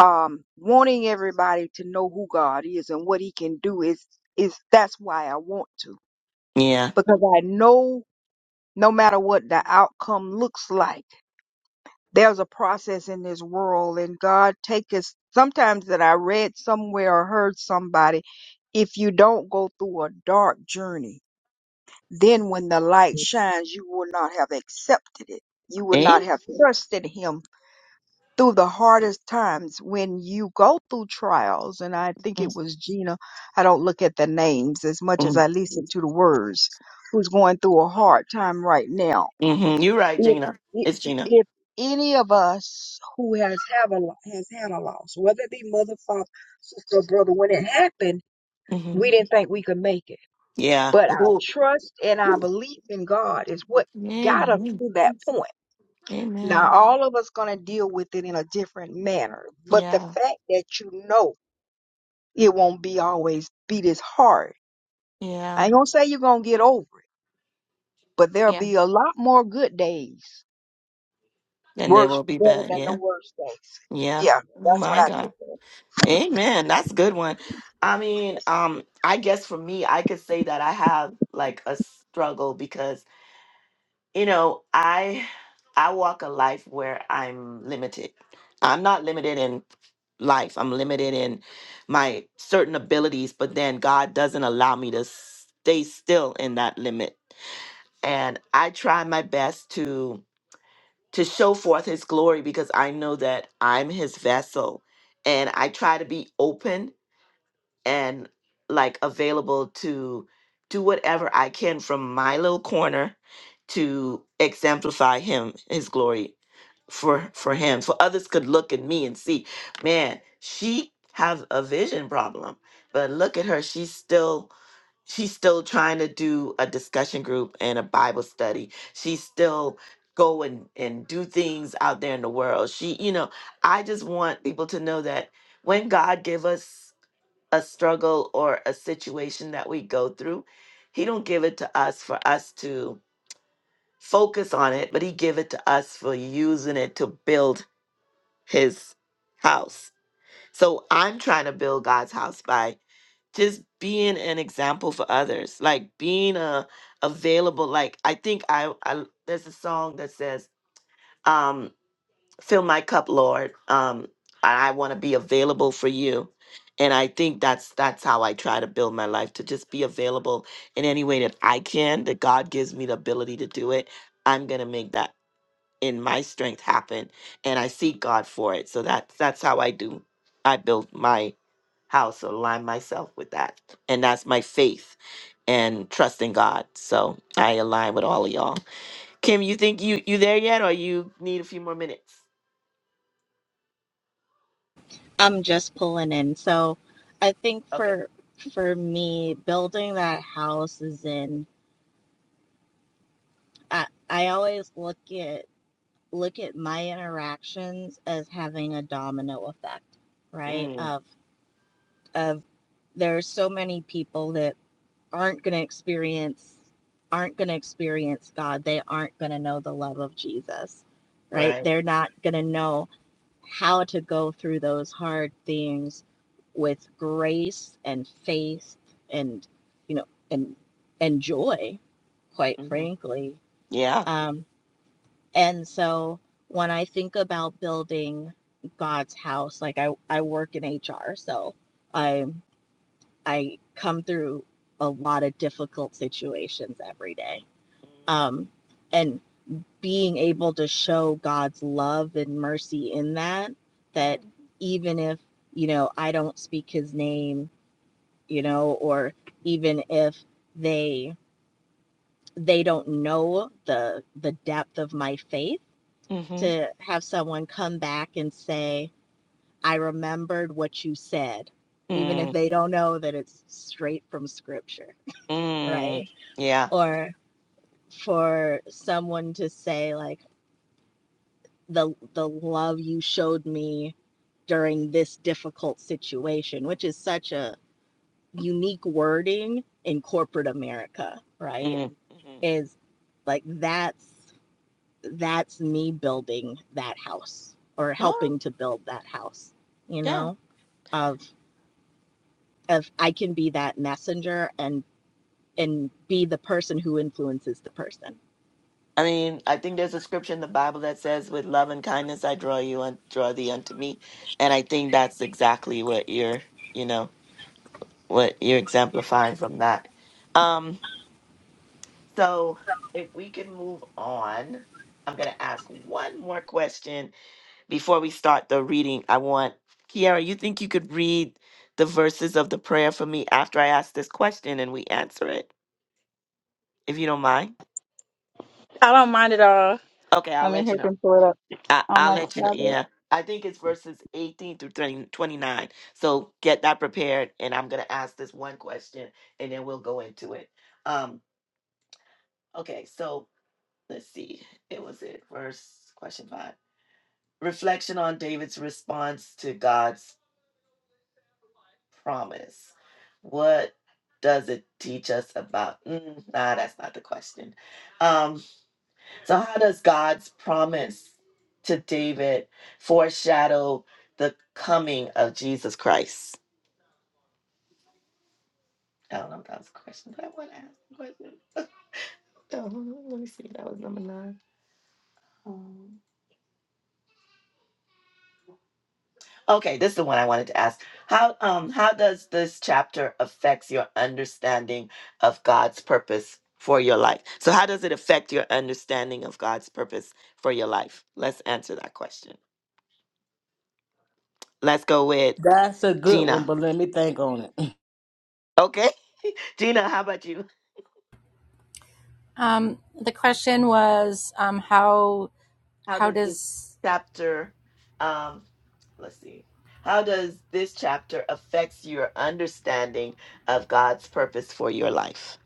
Speaker 3: um wanting everybody to know who God is and what he can do is is that's why I want to
Speaker 1: Yeah.
Speaker 3: because I know no matter what the outcome looks like. There's a process in this world and God take us sometimes that I read somewhere or heard somebody, if you don't go through a dark journey, then when the light shines, you will not have accepted it. You will not have trusted him through the hardest times when you go through trials. And I think it was Gina. I don't look at the names as much
Speaker 1: Amen.
Speaker 3: as I listen to the words who's going through a hard time right now
Speaker 1: Mm-hmm. You're right,
Speaker 3: if
Speaker 1: Gina. It's Gina.
Speaker 3: if any of us who has have a lo- has had a loss, whether it be mother, father, sister, or brother, when it happened,
Speaker 1: Mm-hmm.
Speaker 3: we didn't think we could make it.
Speaker 1: Yeah.
Speaker 3: But our
Speaker 1: Ooh.
Speaker 3: trust and our belief in God is what got us to that point. Now,
Speaker 1: Amen.
Speaker 3: all of us gonna deal with it in a different manner, but
Speaker 1: Yeah.
Speaker 3: the fact that you know it won't be always be this hard. I ain't gonna say you're gonna get over it, but there'll be a lot more good days
Speaker 1: And they
Speaker 3: Worse
Speaker 1: will be
Speaker 3: better
Speaker 1: back.
Speaker 3: than the
Speaker 1: Yeah.
Speaker 3: worst days.
Speaker 1: Yeah.
Speaker 3: Yeah,
Speaker 1: Oh
Speaker 3: that's what
Speaker 1: my
Speaker 3: I took.
Speaker 1: God.
Speaker 3: from it.
Speaker 1: Amen. That's a good one. I mean, um, I guess for me, I could say that I have like a struggle because, you know, I I walk a life where I'm limited. I'm not limited in life. I'm limited in my certain abilities, but then God doesn't allow me to stay still in that limit and I try my best to to show forth his glory because I know that I'm his vessel and I try to be open and like available to do whatever I can from my little corner to exemplify him, his glory for for him. For others could look at me and see, man, she has a vision problem. But look at her, she's still she's still trying to do a discussion group and a Bible study. She still go and, and do things out there in the world. She, you know, I just want people to know that when God give us a struggle or a situation that we go through he don't give it to us for us to focus on it but he give it to us for using it to build his house so i'm trying to build god's house by just being an example for others like being a available like i think i, I there's a song that says um fill my cup, Lord. Um, I want to be available for you. And I think that's that's how I try to build my life to just be available in any way that I can, that God gives me the ability to do it. I'm gonna make that in my strength happen. And I seek God for it. So that's that's how I do I build my house, align myself with that. And that's my faith and trust in God. So I align with all of y'all. Kim, you think you you there yet or you need a few more minutes?
Speaker 6: I'm just pulling in. So I think
Speaker 1: Okay.
Speaker 6: for for me, building that house is in. I I always look at look at my interactions as having a domino effect, right?
Speaker 1: Mm.
Speaker 6: Of of there's so many people that aren't going to experience aren't going to experience God. They aren't going to know the love of Jesus. Right?
Speaker 1: Right.
Speaker 6: They're not going to know how to go through those hard things with grace and faith and you know and and joy quite
Speaker 1: hmm
Speaker 6: frankly
Speaker 1: Yeah.
Speaker 6: um and so when i think about building god's house like i i work in hr so i I come through a lot of difficult situations every day. Um, and being able to show God's love and mercy in that, that even if, you know, I don't speak his name, you know, or even if they they don't know the the depth of my faith
Speaker 1: Mm. hmm
Speaker 6: to have someone come back and say i remembered what you said even if
Speaker 1: Mm.
Speaker 6: they don't know that it's straight from scripture right
Speaker 1: Mm. Yeah.
Speaker 6: or for someone to say like the the love you showed me during this difficult situation which is such a unique wording in corporate america right
Speaker 1: Mm. hmm
Speaker 6: is like that's that's me building that house or
Speaker 1: Oh,
Speaker 6: helping to build that house you
Speaker 1: yeah.
Speaker 6: know of of i can be that messenger and and be the person who influences the person
Speaker 1: I mean, I think there's a scripture in the Bible that says, "With love and kindness I draw you and draw thee unto me," and I think that's exactly what you're, you know, what you're exemplifying from that. Um. So, if we can move on, I'm gonna ask one more question, before we start the reading, I want Kiara, you think you could read the verses of the prayer for me after I ask this question and we answer it, if you don't mind?
Speaker 5: I don't mind at all.
Speaker 1: Okay, I'll
Speaker 5: Let me
Speaker 1: let
Speaker 5: hear
Speaker 1: you know.
Speaker 5: him pull it up
Speaker 1: I,
Speaker 5: on
Speaker 1: I'll
Speaker 5: my
Speaker 1: let you know.
Speaker 5: tablet.
Speaker 1: Yeah. I think it's verses 18 through 20 29. So get that prepared, and I'm going to ask this one question, and then we'll go into it. Um, okay, so let's see. It was it, verse question five. Reflection on David's response to God's promise? What does it teach us about? Mm, nah, that's not the question. Um, so, how does God's promise to David foreshadow the coming of Jesus Christ? I don't know if that was a question, but I want to ask a question. Oh, let me see. That was number nine. Okay, this is the one I wanted to ask. How um how does this chapter affects your understanding of God's purpose for your life? So how does it affect your understanding of God's purpose for your life? Let's answer that question. Let's go with
Speaker 2: That's a good one,
Speaker 1: Gina.
Speaker 2: but let me think on it.
Speaker 1: Okay? Gina, how about you?
Speaker 4: um the question was um how
Speaker 1: How
Speaker 4: how
Speaker 1: does this
Speaker 4: does
Speaker 1: chapter um let's see. How does this chapter affects your understanding of God's purpose for your life?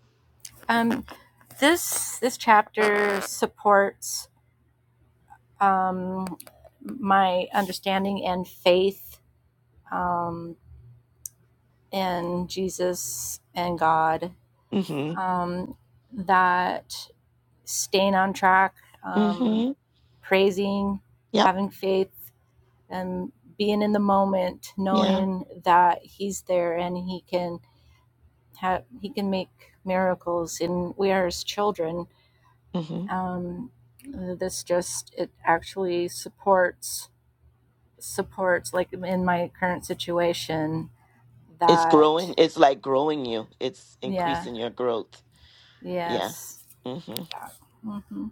Speaker 4: um this this chapter supports um my understanding and faith um in jesus and god
Speaker 1: Mhm.
Speaker 4: um that staying on track, um,
Speaker 1: Mhm.
Speaker 4: praising,
Speaker 1: Yep.
Speaker 4: having faith, and being in the moment,
Speaker 1: Yeah.
Speaker 4: knowing that He's there and He can have He can make miracles, and we are His children.
Speaker 1: Mm-hmm.
Speaker 4: Um, this just it actually supports supports like in my current situation
Speaker 1: It's
Speaker 4: that
Speaker 1: growing. It's like growing you. It's
Speaker 4: yeah
Speaker 1: increasing your growth. Yeah.
Speaker 4: yes
Speaker 1: hmm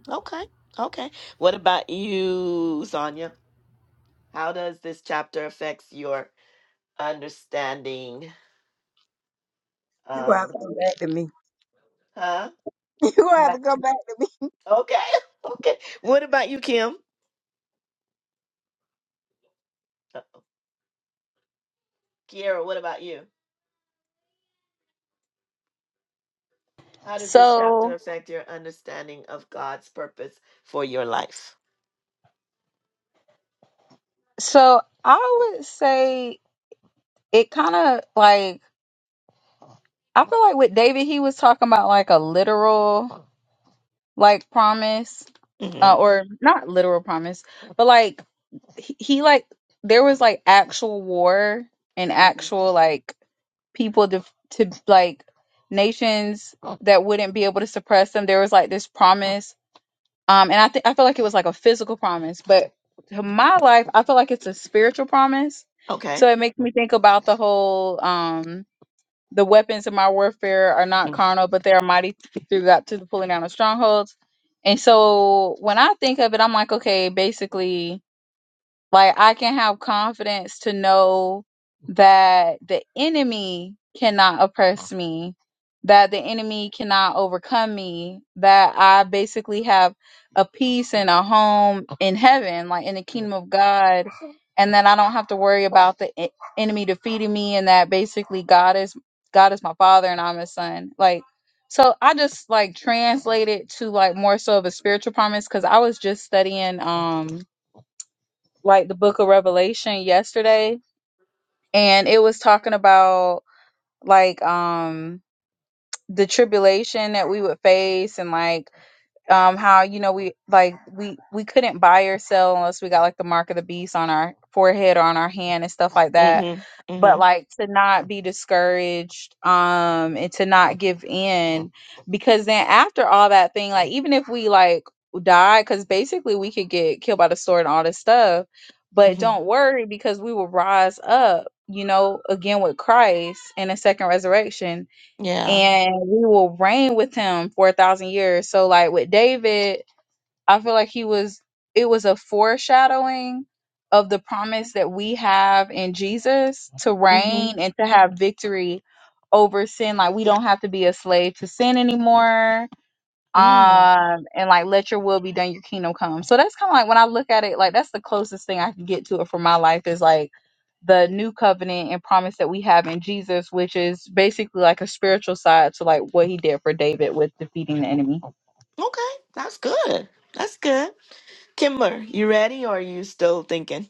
Speaker 1: Okay. Okay. What about you, Sonia? How does this chapter affects your understanding?
Speaker 3: You're gonna have
Speaker 1: Um.
Speaker 3: to come back to me.
Speaker 1: Huh.
Speaker 3: You're gonna have to come back to me.
Speaker 1: Okay. Okay. What about you, Kim? Uh, Kiera, what about you? How does this chapter
Speaker 5: So,
Speaker 1: affect your understanding of God's purpose for your life?
Speaker 5: so I would say it kind of like I feel like with David, he was talking about like a literal like promise
Speaker 1: hmm
Speaker 5: uh, or not literal promise, but like he, he like there was like actual war and
Speaker 1: hmm
Speaker 5: actual like people to, to like nations that wouldn't be able to suppress them. There was like this promise, um, and I think I feel like it was like a physical promise, but to my life, I feel like it's a spiritual promise.
Speaker 1: Okay.
Speaker 5: So it makes me think about the whole um, the weapons of my warfare are not
Speaker 1: Mm-hmm.
Speaker 5: carnal, but they are mighty through God to the pulling down of strongholds. And so when I think of it, I'm like, okay, basically, like I can have confidence to know that the enemy cannot oppress me, that the enemy cannot overcome me, that I basically have a peace and a home in heaven, like in the kingdom of God, and that I don't have to worry about the e- enemy defeating me and that basically God is God is my father and I'm his son. Like so I just like translate it to like more so of a spiritual promise cuz I was just studying um like the book of Revelation yesterday and it was talking about like um the tribulation that we would face and like um how you know we like we we couldn't buy or sell unless we got like the mark of the beast on our forehead or on our hand and stuff like that but
Speaker 1: Mm-hmm.
Speaker 5: like to not be discouraged um and to not give in because then after all that thing like even if we like die because basically we could get killed by the sword and all this stuff but
Speaker 1: Mm-hmm.
Speaker 5: don't worry because we will rise up you know again with christ in a second resurrection
Speaker 1: Yeah.
Speaker 5: and we will reign with him for a thousand years. So like with David, I feel like he was it was a foreshadowing of the promise that we have in Jesus to
Speaker 1: Mm-hmm.
Speaker 5: reign and to have victory over sin. Like we don't have to be a slave to sin anymore
Speaker 1: mm.
Speaker 5: um and like let your will be done your kingdom come so that's kind of like when i look at it like that's the closest thing i can get to it for my life is like the new covenant and promise that we have in jesus which is basically like a spiritual side to like what he did for david with defeating the enemy
Speaker 1: Okay, that's good. That's good. Kimber, you ready or are you still thinking?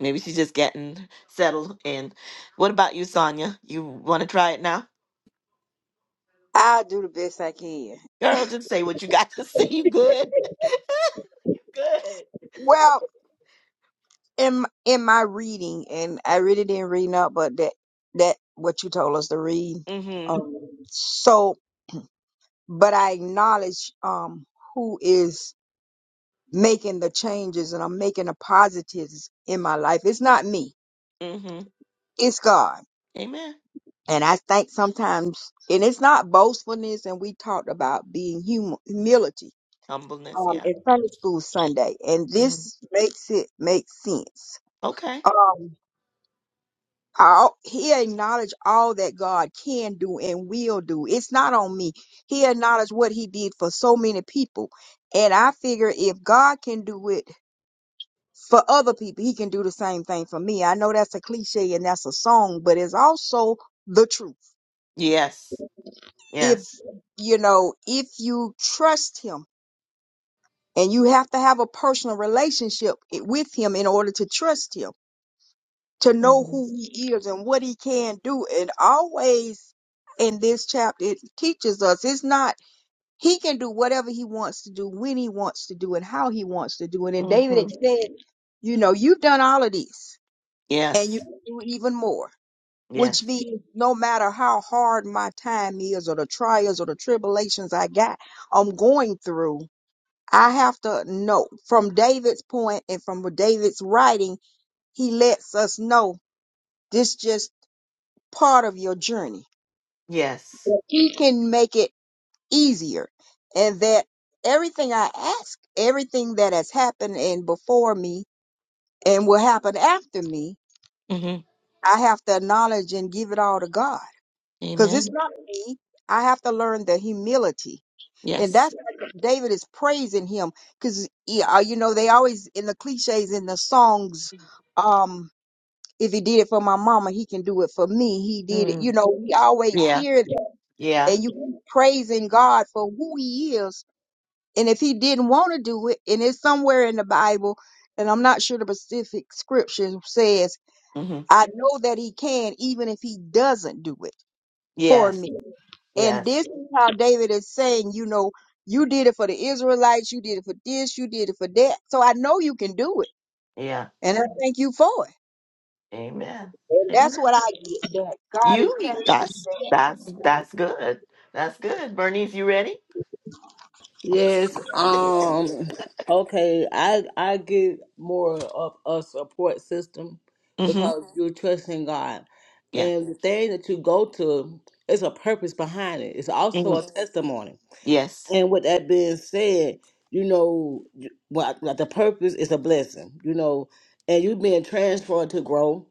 Speaker 1: Maybe she's just getting settled in. What about you, Sonia? You want to try it now?
Speaker 3: I'll do the best I can.
Speaker 1: Girl, just say what you got to say. You good? You good?
Speaker 3: Well, in m- in my reading, and I really didn't read up, but that that what you told us to read.
Speaker 1: Mm-hmm.
Speaker 3: Um, so, but I acknowledge um who is making the changes, and I'm making the positives in my life. It's not me.
Speaker 1: Mm-hmm.
Speaker 3: It's God.
Speaker 1: Amen.
Speaker 3: And I think sometimes, and it's not boastfulness, and we talked about being hum- humility
Speaker 1: Humbleness,
Speaker 3: um,
Speaker 1: yeah.
Speaker 3: in Sunday school Sunday, and
Speaker 1: hmm
Speaker 3: this makes it make sense.
Speaker 1: Okay.
Speaker 3: Um, all, he acknowledged all that God can do and will do. It's not on me. He acknowledged what he did for so many people, and I figure if God can do it for other people, he can do the same thing for me. I know that's a cliche and that's a song, but it's also the truth
Speaker 1: Yes.
Speaker 3: if
Speaker 1: Yes.
Speaker 3: you know if you trust him and you have to have a personal relationship i- with him in order to trust him to know who he is and what he can do and always in this chapter it teaches us it's not he can do whatever he wants to do when he wants to do and how he wants to do it and david had said you know you've done all of these and you
Speaker 1: Yes.
Speaker 3: can do even more which
Speaker 1: Yes.
Speaker 3: means no matter how hard my time is or the trials or the tribulations I got, I'm going through, I have to know from David's point and from David's writing, he lets us know this just part of your journey.
Speaker 1: Yes.
Speaker 3: That He can make it easier and that everything I ask, everything that has happened and before me and will happen after me,
Speaker 1: Mm-hmm.
Speaker 3: I have to acknowledge and give it all to God because it's
Speaker 1: Amen.
Speaker 3: not me. I have to learn the humility, and
Speaker 1: Yes.
Speaker 3: that's why David is praising him because yeah, uh, you know they always in the cliches in the songs. Um, if he did it for my mama, he can do it for me. He did it,
Speaker 1: Mm.
Speaker 3: you know. We always
Speaker 1: Yeah.
Speaker 3: hear that,
Speaker 1: Yeah.
Speaker 3: and you praising God for who He is, and if He didn't want to do it, and it's somewhere in the Bible, and I'm not sure the specific scripture says.
Speaker 1: Mm-hmm.
Speaker 3: I know that He can, even if He doesn't do it for
Speaker 1: Yes.
Speaker 3: me and
Speaker 1: Yes.
Speaker 3: this is how David is saying, you know, you did it for the Israelites, you did it for this, you did it for that. So I know you can do it.
Speaker 1: Yeah.
Speaker 3: And I thank you for it.
Speaker 1: Amen.
Speaker 3: And that's what I get that God is
Speaker 1: You
Speaker 3: telling us
Speaker 1: that's
Speaker 3: that
Speaker 1: that's that's good. That's good. Bernice, you ready?
Speaker 2: Yes. Um. Okay. I I get more of a support system
Speaker 1: Mm-hmm.
Speaker 2: because you're trusting God,
Speaker 1: Yeah.
Speaker 2: and the thing that you go to is a purpose behind it. It's
Speaker 1: hmm
Speaker 2: also a testimony.
Speaker 1: Yes.
Speaker 2: And with that being said, you know, you- what Like the purpose is a blessing, you know, and you being transferred to grow,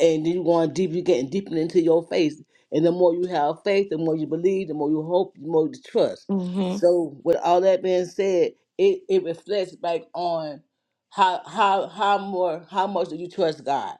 Speaker 2: and you going deep, you getting deeper into your faith, and the more you have faith, the more you believe, the more you hope, the more you trust.
Speaker 1: Mm-hmm.
Speaker 2: So, with all that being said, it, it reflects back on how how how more how much do you trust God?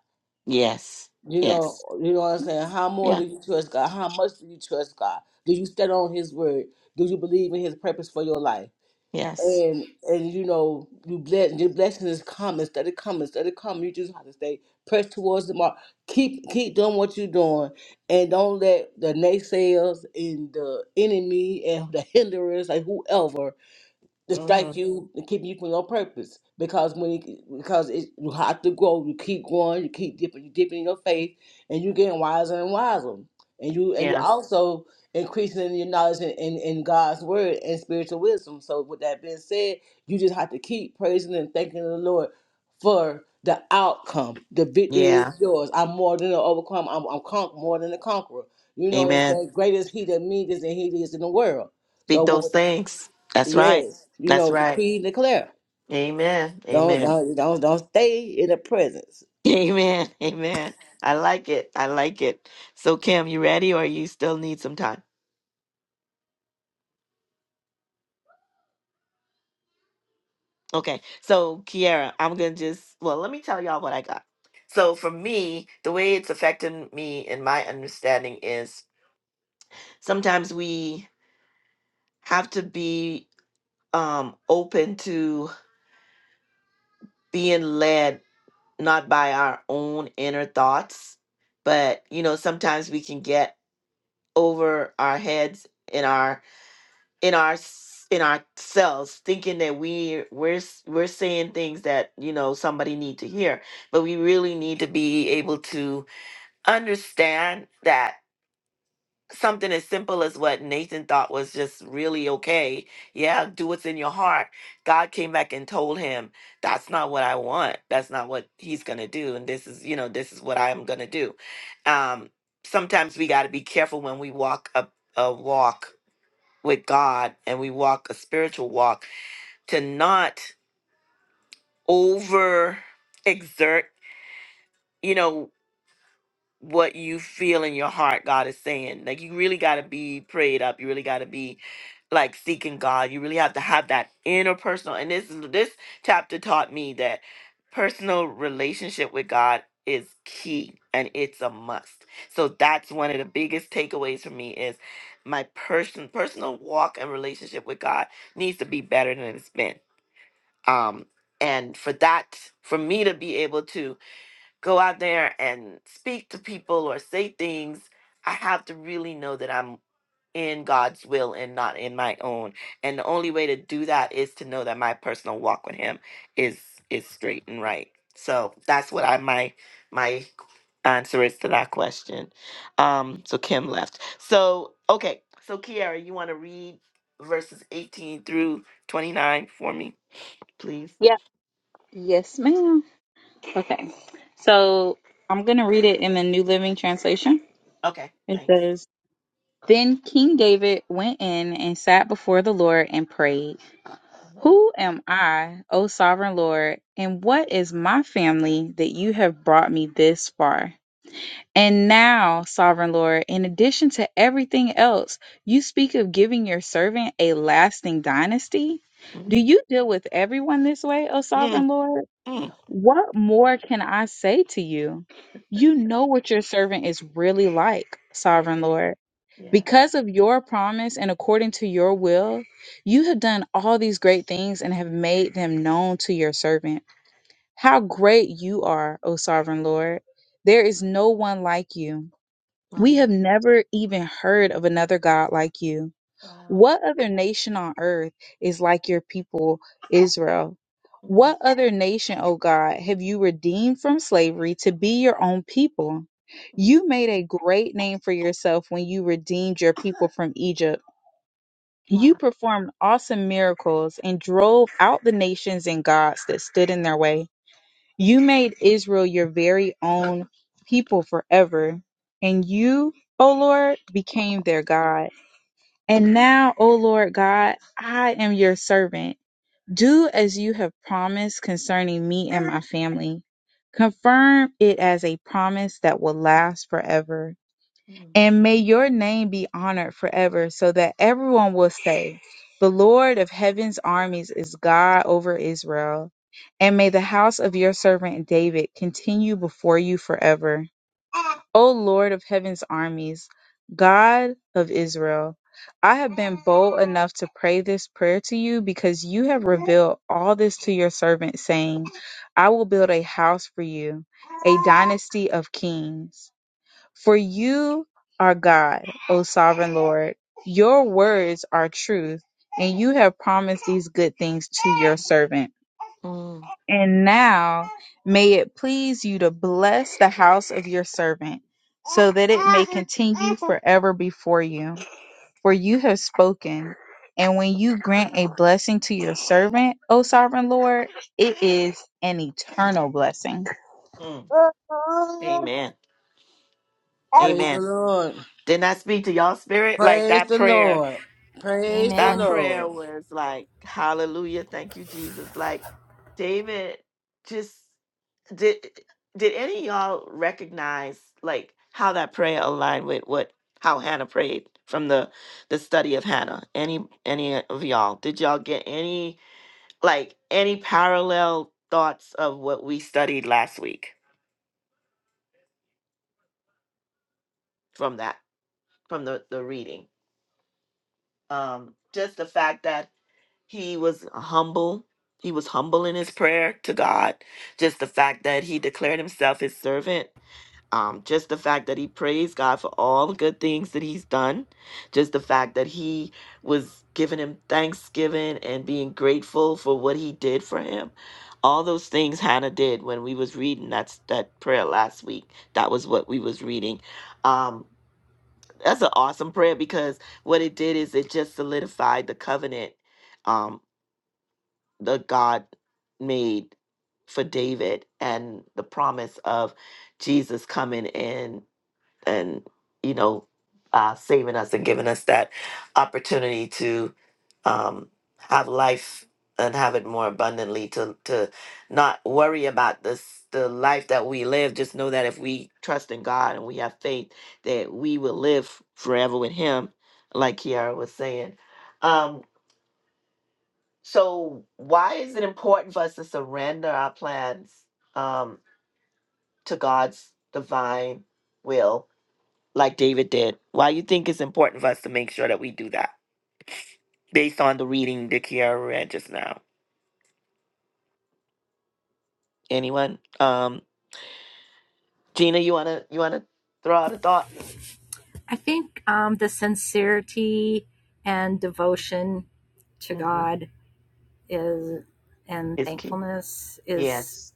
Speaker 1: Yes.
Speaker 2: You know,
Speaker 1: Yes.
Speaker 2: you know what I'm saying. How more
Speaker 1: Yeah.
Speaker 2: do you trust God? How much do you trust God? Do you stand on His word? Do you believe in His purpose for your life?
Speaker 1: Yes.
Speaker 2: and and you know you bless your blessings is coming instead of coming instead of coming you just have to stay pressed towards the mark keep keep doing what you're doing and don't let the naysayers and the enemy and the hinderers like whoever to strike
Speaker 1: Mm-hmm.
Speaker 2: you and keep you from your purpose. Because when you, because it, you have to grow, you keep growing, you keep dipping, you dipping in your faith, and you getting wiser and wiser. And you and you
Speaker 1: Yeah.
Speaker 2: also increasing your knowledge in, in, in God's word and spiritual wisdom. So with that being said, you just have to keep praising and thanking the Lord for the outcome. The victory
Speaker 1: Yeah.
Speaker 2: is yours. I'm more than an overcome. I'm I'm con- more than a conqueror. You know what I'm
Speaker 1: Amen.
Speaker 2: saying? Greatest he that me is than he that is in the world. So
Speaker 1: Speak those
Speaker 2: with,
Speaker 1: things. That's right.
Speaker 2: Yes, you
Speaker 1: That's
Speaker 2: know,
Speaker 1: right.
Speaker 2: decree and declare.
Speaker 1: Amen.
Speaker 2: Don't
Speaker 1: Amen.
Speaker 2: don't don't don't stay in the presence.
Speaker 1: Amen. Amen. I like it. I like it. So Kim, you ready or you still need some time? Okay, so Kiara, I'm gonna just well, let me tell y'all what I got. So for me, the way it's affecting me and my understanding is sometimes we have to be um open to being led not by our own inner thoughts, but you know, sometimes we can get over our heads in our in our s- in ourselves thinking that we we're s- we're saying things that you know somebody need to hear but we really need to be able to understand that something as simple as what Nathan thought was just really okay yeah do what's in your heart god came back and told him that's not what i want that's not what he's going to do and this is you know this is what i'm going to do um sometimes we got to be careful when we walk a, a walk with God and we walk a spiritual walk to not over exert. You know, what you feel in your heart God is saying. Like you really got to be prayed up. You really got to be like seeking God. You really have to have that interpersonal. And this is- this chapter taught me that personal relationship with God is key and it's a must. So that's one of the biggest takeaways for me is my person personal walk and relationship with God needs to be better than it's been. Um and for that for me to be able to go out there and speak to people or say things, I have to really know that I'm in God's will and not in my own. And the only way to do that is to know that my personal walk with him is is straight and right. So that's what I my my answer is to that question. Um so Kim left. So okay, so Kiara, you want to read verses 18 through 29 for me, please?
Speaker 5: yeah yes ma'am okay so i'm gonna read it in the new living translation
Speaker 1: Okay,
Speaker 5: it
Speaker 1: thanks.
Speaker 5: says then king david went in and sat before the lord and prayed Who am I, O sovereign Lord, and what is my family that you have brought me this far? And now, sovereign Lord, in addition to everything else, you speak of giving your servant a lasting dynasty? Do
Speaker 1: Mm,
Speaker 5: you deal with everyone this way, O
Speaker 1: mm,
Speaker 5: sovereign Lord?
Speaker 1: mm,
Speaker 5: What more can I say to you? You know what your servant is really like, sovereign Lord. Because of your promise and according to your will, you have done all these great things and have made them known to your servant. How great you are, O sovereign Lord! There is no one like you. We have never even heard of another God like you. What other nation on earth is like your people, Israel? What other nation, O God, have you redeemed from slavery to be your own people? You made a great name for yourself when you redeemed your people from Egypt. You performed awesome miracles and drove out the nations and gods that stood in their way. You made Israel your very own people forever, and you, O Lord, became their God. And now, O Lord God, I am your servant. Do as you have promised concerning me and my family. Confirm it as a promise that will last forever. And may your name be honored forever so that everyone will say, The Lord of heaven's armies is God over Israel. And may the house of your servant David continue before you forever. O Lord of heaven's armies, God of Israel, I have been bold enough to pray this prayer to you because you have revealed all this to your servant, saying, I will build a house for you, a dynasty of kings. For you are God, O sovereign Lord. Your words are truth, and you have promised these good things to your servant. And now may it please you to bless the house of your servant, so that it may continue forever before you. For you have spoken. And when you grant a blessing to your servant, O sovereign Lord, it is an eternal blessing.
Speaker 1: mm. Amen.
Speaker 2: Praise the
Speaker 1: Amen.
Speaker 2: Lord.
Speaker 1: Didn't I speak to y'all spirit? Like
Speaker 2: Praise
Speaker 1: that
Speaker 2: the
Speaker 1: prayer,
Speaker 2: Lord. Praise the
Speaker 1: that
Speaker 4: amen
Speaker 1: prayer
Speaker 2: Lord.
Speaker 1: was like, hallelujah, thank you, Jesus. Like David just did did any of y'all recognize like how that prayer aligned with what how Hannah prayed from the the study of Hannah? Any any of y'all? Did y'all get any like any parallel thoughts of what we studied last week from that from the the reading? Um just the fact that he was humble he was humble in his prayer to god just the fact that he declared himself his servant um, just the fact that he praised god for all the good things that he's done just the fact that he was giving him thanksgiving and being grateful for what he did for him all those things hannah did when we was reading that's that prayer last week that was what we was reading um, that's an awesome prayer because what it did is it just solidified the covenant Um, the God made for David and the promise of Jesus coming in and, you know, uh, saving us and giving us that opportunity to um, have life and have it more abundantly to to not worry about this the life that we live just know that if we trust in God and we have faith that we will live forever with him like Kiara was saying um so why is it important for us to surrender our plans um, to God's divine will, like David did? Why you think it's important for us to make sure that we do that, based on the reading that Kiara read just now? Anyone? Um, Gina, you wanna you wanna throw out a thought?
Speaker 4: i think um the sincerity and devotion to
Speaker 1: Mm,
Speaker 4: god is and
Speaker 1: It's key.
Speaker 4: thankfulness is
Speaker 1: Yes,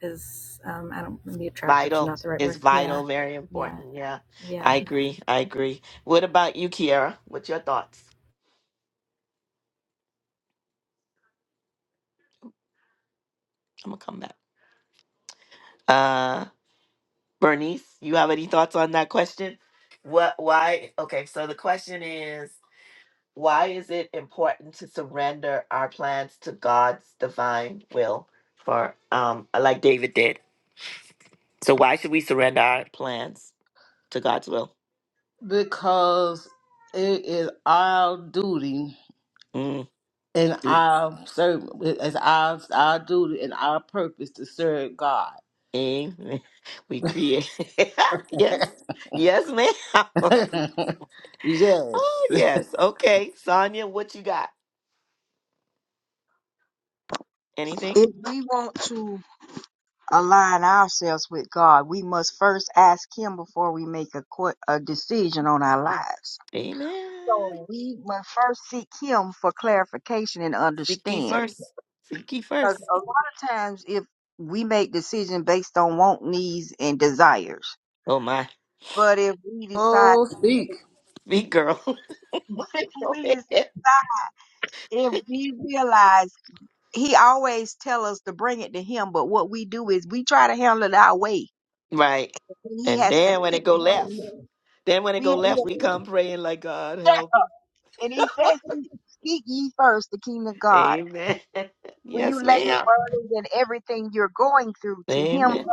Speaker 4: is um i don't maybe attractive is
Speaker 1: vital.
Speaker 4: not the right
Speaker 1: It's
Speaker 4: word yeah
Speaker 1: vital. Very
Speaker 4: yeah
Speaker 1: important. Yeah,
Speaker 4: yeah
Speaker 1: I agree. I agree. What about you, Kiara? What's your thoughts? I'm gonna come back. Bernice, you have any thoughts on that question? What why okay, so the question is why is it important to surrender our plans to God's divine will for um like David did? So why should we surrender our plans to God's will?
Speaker 2: Because it is our duty
Speaker 1: Mm,
Speaker 2: and
Speaker 1: do-
Speaker 2: our serv It's our our duty and our purpose to serve God.
Speaker 1: amen. We create Yes. Yes, ma'am.
Speaker 2: yes.
Speaker 1: oh yes. Okay. Sonia, what you got? Anything?
Speaker 3: if we want to align ourselves with God, we must first ask Him before we make a, qu- a decision on our lives.
Speaker 1: Amen.
Speaker 3: So we must first seek Him for clarification and
Speaker 1: Seek ye
Speaker 3: understanding.
Speaker 1: first. Seek ye
Speaker 3: Because
Speaker 1: first.
Speaker 3: a lot of times, if we make decisions based on want, needs, and desires.
Speaker 1: Oh my.
Speaker 3: But if we decide,
Speaker 2: Oh, speak.
Speaker 1: Me, girl.
Speaker 3: if
Speaker 1: Go
Speaker 3: we just,
Speaker 1: ahead.
Speaker 3: if we realize, he always tell us to bring it to him. But what we do is we try to handle it our way,
Speaker 1: right.
Speaker 3: and he
Speaker 1: And
Speaker 3: has to
Speaker 1: then when it
Speaker 3: fix
Speaker 1: go left,
Speaker 3: it.
Speaker 1: then when it
Speaker 3: We
Speaker 1: go
Speaker 3: he-
Speaker 1: left, we come praying like God help.
Speaker 3: and he says, "Speak ye first the kingdom of God."
Speaker 1: Amen.
Speaker 3: When you
Speaker 1: yes,
Speaker 3: lay your
Speaker 1: ma'am.
Speaker 3: burdens and everything you're going through to him,
Speaker 1: Amen.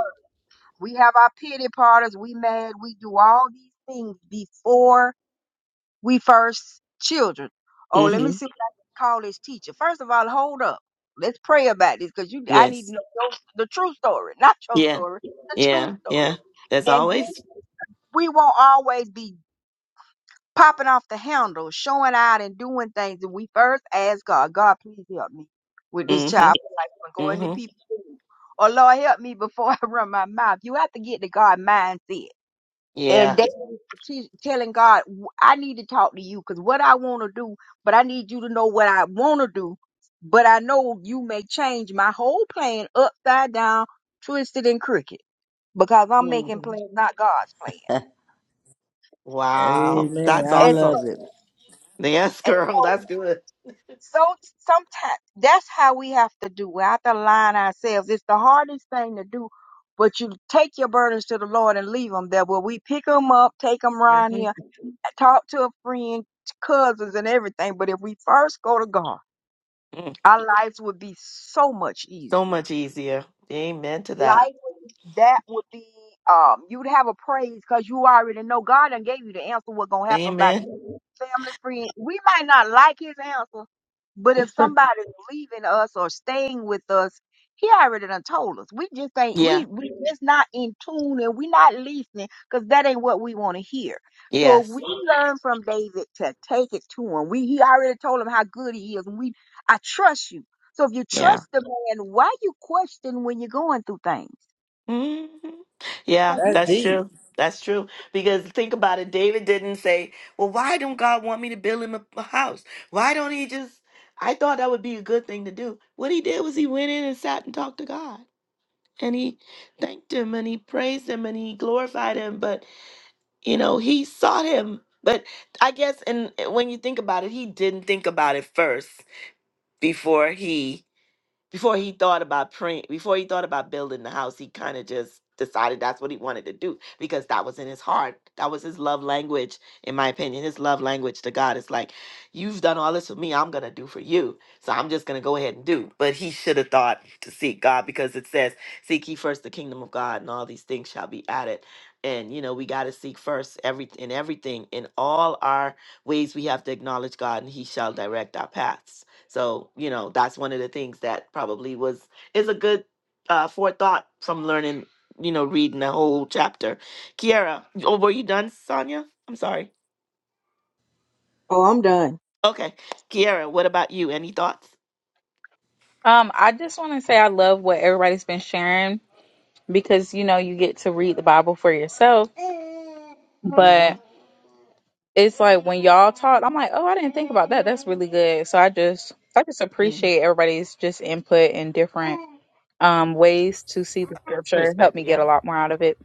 Speaker 3: we have our pity parties. We mad. We do all these things before we first children. Oh, let me
Speaker 1: hmm
Speaker 3: see what I can call this teacher. First of all, hold up. Let's pray about this because you I need to
Speaker 1: Yes.
Speaker 3: know your, the true story, not your
Speaker 1: Yeah.
Speaker 3: story, the true
Speaker 1: Yeah. Yeah.
Speaker 3: story.
Speaker 1: As
Speaker 3: And then
Speaker 1: always.
Speaker 3: we won't always be popping off the handle, showing out and doing things. And we first ask God, God, please help me with this
Speaker 1: hmm
Speaker 3: child like I'm going to
Speaker 1: hmm
Speaker 3: people. Or Lord help me before I run my mouth. You have to get the God mindset and
Speaker 1: Yeah.
Speaker 3: they she's telling God, "W- I need to talk to you because what I want to do, but I need you to know what I want to do. But I know you may change my whole plan upside down, twisted and crooked because I'm making
Speaker 1: Mhm.
Speaker 3: plans, not God's plan.
Speaker 1: Wow.
Speaker 2: Amen.
Speaker 1: That's
Speaker 2: I
Speaker 3: And
Speaker 1: awesome.
Speaker 2: love it.
Speaker 1: Yes, girl.
Speaker 3: so,
Speaker 1: That's good.
Speaker 3: So sometimes that's how we have to do. We have to align ourselves. It's the hardest thing to do, but you take your burdens to the Lord and leave them there. Where we pick them up, take them around
Speaker 1: hmm
Speaker 3: here, talk to a friend, cousins, and everything. But if we first go to God,
Speaker 1: Mm.
Speaker 3: our lives would be so much
Speaker 1: So
Speaker 3: easier.
Speaker 1: much easier. Amen to that.
Speaker 3: Likewise, that would be um you'd have a praise because you already know God done gave you the answer what gonna happen by
Speaker 1: Amen.
Speaker 3: family friend. We might not like his answer, but if somebody's leaving us or staying with us, he already done told us. We just ain't
Speaker 1: Yeah.
Speaker 3: we we just not in tune and we not listening because that ain't what we want to hear. So
Speaker 1: Yes.
Speaker 3: we learn from David to take it to him. We he already told him how good he is and we I trust you. So if you
Speaker 1: Yeah.
Speaker 3: trust the man, why you question when you're going through things?
Speaker 1: hmm
Speaker 3: 'Cause
Speaker 1: Yeah,
Speaker 3: you-
Speaker 2: That's
Speaker 1: that's
Speaker 2: deep.
Speaker 1: true. That's true. Because think about it, David didn't say, "Well, why don't God want me to build him a, a house? Why don't he just?" I thought that would be a good thing to do. What he did was he went in and sat and talked to God, and he thanked him, and he praised him, and he glorified him. But you know, he sought him. But I guess, and eh, when you think about it, he didn't think about it first before he before he thought about praying, before he thought about building the house, he kind of just decided that's what he wanted to do because that was in his heart. That was his love language, in my opinion. His love language to God is like, You've done all this for me, I'm going to do for you. So I'm just going to go ahead and do. But he should have thought to seek God because it says, Seek ye first the kingdom of God, and all these things shall be added. And you know we got to seek first every in everything in all our ways we have to acknowledge God and He shall direct our paths. So, you know, that's one of the things that probably was is a good uh forethought from learning, you know, reading the whole chapter. Kiara, oh, were you done, Sonia? I'm sorry.
Speaker 3: Oh, I'm done.
Speaker 1: Okay. Kiara, what about you? Any thoughts?
Speaker 5: Um, I just want to say I love what everybody's been sharing because you know you get to read the Bible for yourself. But
Speaker 1: Mm-hmm.
Speaker 5: it's like when y'all talk, I'm like, oh, I didn't think about that. That's really good. So I just I just
Speaker 1: hmm
Speaker 5: appreciate everybody's just input and different um ways to see the scripture. It helped me
Speaker 1: Perspective. yeah.
Speaker 5: get a lot more out of it.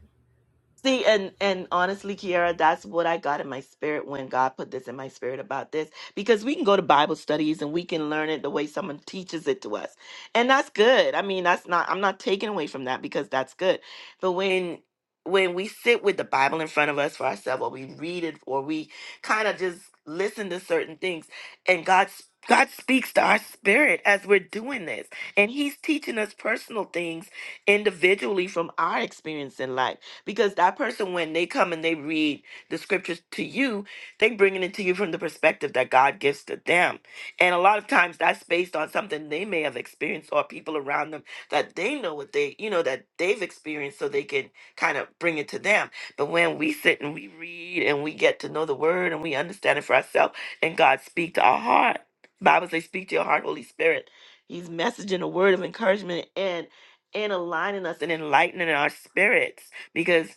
Speaker 1: See, and and honestly, Kiara, that's what I got in my spirit when God put this in my spirit about this, because we can go to Bible studies and we can learn it the way someone teaches it to us, and that's good. I mean, that's not I'm not taking away from that because that's good. But when when we sit with the Bible in front of us for ourselves, or we read it, or we kind of just listen to certain things, and God's God speaks to our spirit as we're doing this, and He's teaching us personal things individually from our experience in life because that person when they come and they read the scriptures to you they bringing it to you from the perspective that god gives to them and a lot of times that's based on something they may have experienced or people around them that they know what they you know that they've experienced so they can kind of bring it to them but when we sit and we read and we get to know the word and we understand it for ourselves and god speak to our heart bible says speak to your heart holy spirit he's messaging a word of encouragement and and aligning us and enlightening our spirits because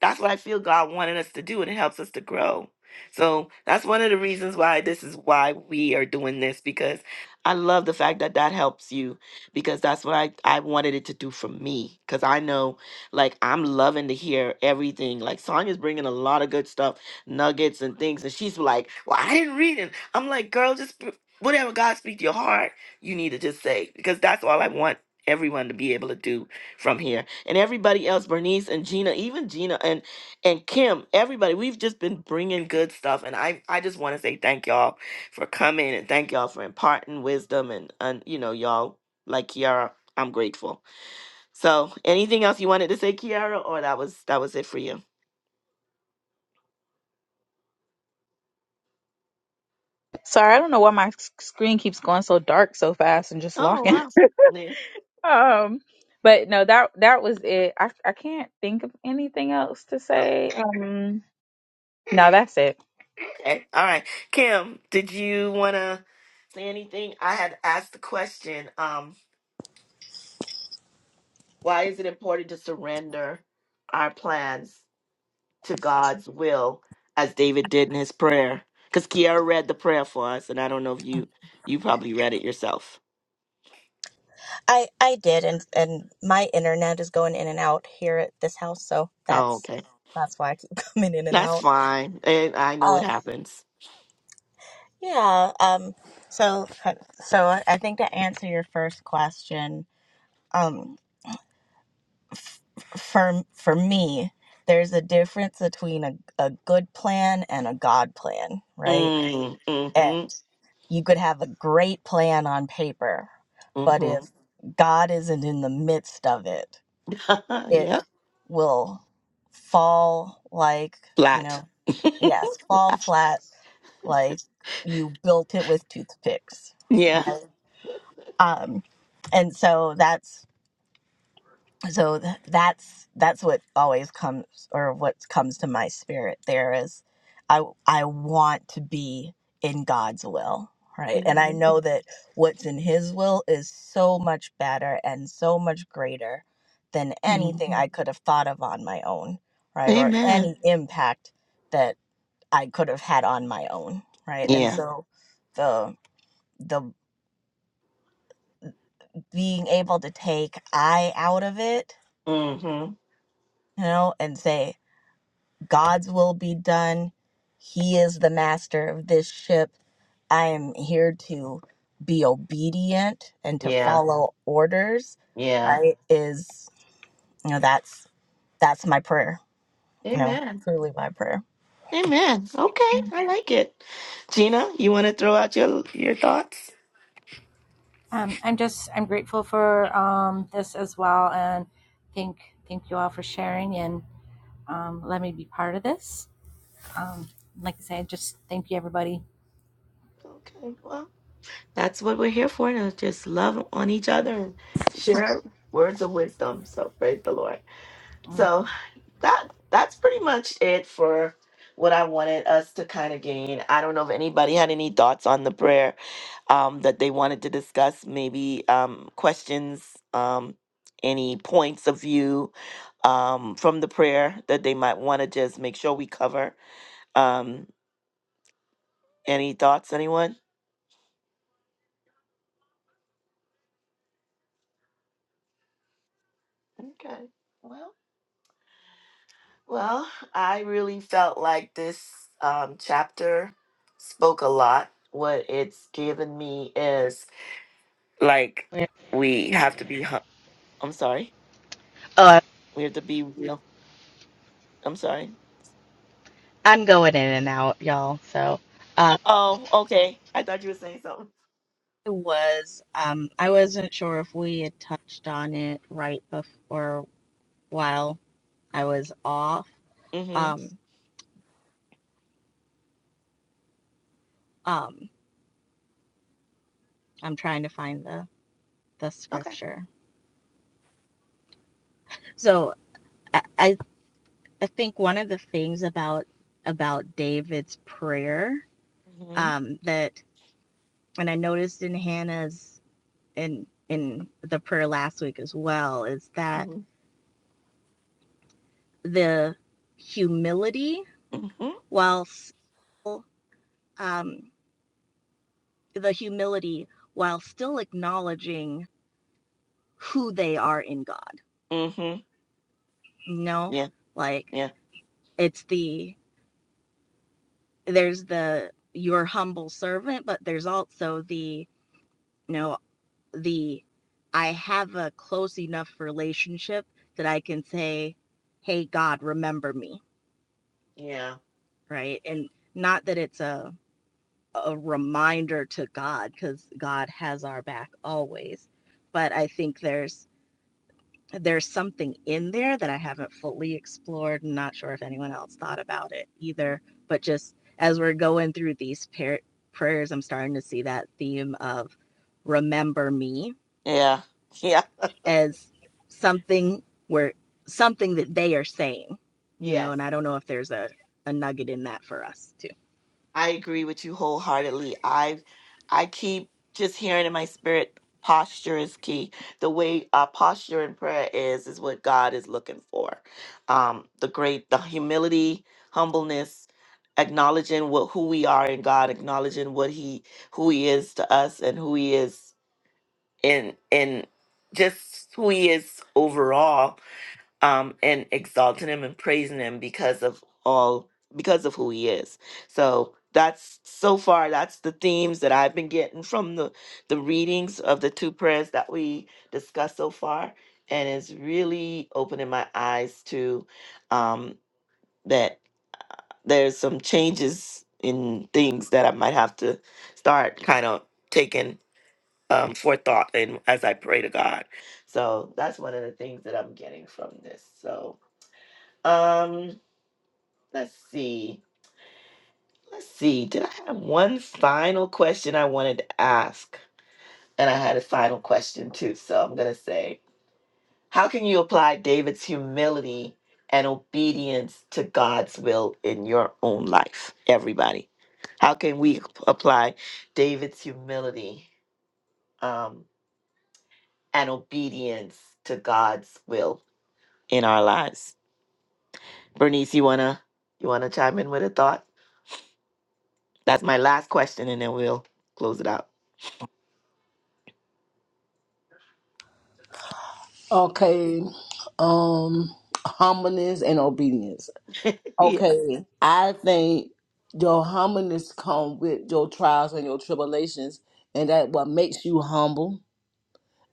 Speaker 1: that's what I feel God wanted us to do, and it helps us to grow. So that's one of the reasons why this is why we are doing this because I love the fact that that helps you because that's what I, I wanted it to do for me. Because I know, like, I'm loving to hear everything. Like, Sonya's bringing a lot of good stuff, nuggets and things. And she's like, Well, I didn't read it. I'm like, Girl, just p- whatever God speaks to your heart, you need to just say because that's all I want everyone to be able to do from here and everybody else bernice and gina even gina and and kim everybody we've just been bringing good stuff and i i just want to say thank y'all for coming and thank y'all for imparting wisdom and and you know y'all like kiara i'm grateful so anything else you wanted to say kiara or that was that was it for you
Speaker 5: Sorry, I don't know why my s- screen keeps going so dark so fast and just
Speaker 1: oh
Speaker 5: locking.
Speaker 1: wow yeah
Speaker 5: um but no, that that was it. I I can't think of anything else to
Speaker 1: okay
Speaker 5: say. Um no, that's it.
Speaker 1: okay all right kim did you want to say anything i had asked the question um why is it important to surrender our plans to God's will as David did in his prayer. Because Kiara read the prayer for us, and I don't know if you you probably read it yourself.
Speaker 6: I I did, and and my internet is going in and out here at this house, so
Speaker 1: Oh,
Speaker 6: that's
Speaker 1: okay,
Speaker 6: that's why I keep coming in and
Speaker 1: that's
Speaker 6: out.
Speaker 1: fine. And I know it
Speaker 6: Um,
Speaker 1: happens.
Speaker 6: yeah. Um. So uh, so I I think to answer your first question, um, for for me, there's a difference between a a good plan and a God plan, right?
Speaker 1: Mm,
Speaker 6: And
Speaker 1: mm-hmm,
Speaker 6: you could have a great plan on paper, but if God isn't in the midst of it,
Speaker 1: mm-hmm.
Speaker 6: it
Speaker 1: yep,
Speaker 6: will fall like, you
Speaker 1: flat.
Speaker 6: know, yes, fall flat like you built it with toothpicks,
Speaker 1: yeah.
Speaker 6: right? Um, and so that's so th- that's that's what always comes or what comes to my spirit there is i i want to be in god's will right and i know that what's in his will is so much better and so much greater than anything i could have thought of on my own right or Mhm.
Speaker 1: Amen.
Speaker 6: any impact that i could have had on my own right and Mhm.
Speaker 1: Yeah.
Speaker 6: so the the being able to take i out of it
Speaker 1: Mm-hmm.
Speaker 6: you know and say God's will be done. He is the master of this ship. I am here to be obedient and to
Speaker 1: Yeah.
Speaker 6: follow orders,
Speaker 1: Yeah.
Speaker 6: right? Is you know that's that's my prayer. You
Speaker 1: Am-
Speaker 6: know, truly my prayer.
Speaker 1: Amen. Okay, I like it. Gina, you want to throw out your your thoughts?
Speaker 4: um i'm just i'm grateful for um this as well and thank thank you all for sharing and um let me be part of this um like i said just thank you everybody
Speaker 1: Okay. well, That's what we're here for, to just love on each other and share words of wisdom. So praise the Lord. So that that's pretty much it for what I wanted us to kind of gain. I don't know if anybody had any thoughts on the prayer um, that they wanted to discuss, maybe um, questions, um, any points of view um, from the prayer that they might want to just make sure we cover. Um, any thoughts, anyone? Okay. Well. Well, I really felt like this um, chapter spoke a lot. What it's given me is like we have to be. hu- I'm sorry.
Speaker 6: Uh,
Speaker 1: We have to be real. I'm sorry.
Speaker 6: I'm going in and out, y'all. So uh,
Speaker 1: Oh, okay. I thought you were saying something.
Speaker 6: it was. Um, I wasn't sure if we had touched on it right before while I was off.
Speaker 1: Mm-hmm.
Speaker 6: Um, um, I'm trying to find the the
Speaker 1: Okay.
Speaker 6: scripture. So I, I I think one of the things about about David's prayer
Speaker 1: Mm-hmm.
Speaker 6: um, that, and I noticed in Hannah's in in the prayer last week as well, is that
Speaker 1: Mm-hmm.
Speaker 6: the humility
Speaker 1: Mm-hmm.
Speaker 6: while still, um, the humility while still acknowledging who they are in God.
Speaker 1: Mm-hmm.
Speaker 6: You know,
Speaker 1: Yeah.
Speaker 6: like
Speaker 1: Yeah.
Speaker 6: it's the there's the your humble servant, but there's also the you know the I have a close enough relationship that I can say, "Hey God, remember me."
Speaker 1: Yeah.
Speaker 6: Right? And not that it's a a reminder to God cuz God has our back always, but I think there's there's something in there that I haven't fully explored. and not sure if anyone else thought about it either, but just as we're going through these par- prayers, I'm starting to see that theme of remember me
Speaker 1: Yeah. Yeah.
Speaker 6: as something where something that they are saying, you know,
Speaker 1: Yes.
Speaker 6: and I don't know if there's a, a nugget in that for us too.
Speaker 1: I agree with you wholeheartedly. I I keep just hearing in my spirit posture is key. The way our posture in prayer is is what God is looking for. Um the great the humility, humbleness, acknowledging what who we are in God, acknowledging what he who he is to us and who he is in in just who he is overall um, and exalting him and praising him because of all because of who he is. So that's so far that's the themes that I've been getting from the the readings of the two prayers that we discussed so far, and it's really opening my eyes to um, that there's some changes in things that I might have to start kind of taking um, forethought in as I pray to God. So that's one of the things that I'm getting from this. So um, let's see. Let's see. Did I have one final question I wanted to ask? And I had a final question too, so I'm going to say, how can you apply David's humility and obedience to God's will in your own life, everybody? How can we ap- apply David's humility um, and obedience to God's will in our lives? Bernice, you wanna you wanna chime in with a thought? That's my last question, and then we'll close it out.
Speaker 2: Okay. Um humbleness and obedience.
Speaker 1: Yeah.
Speaker 2: Okay. I think your humbleness come with your trials and your tribulations and that what makes you humble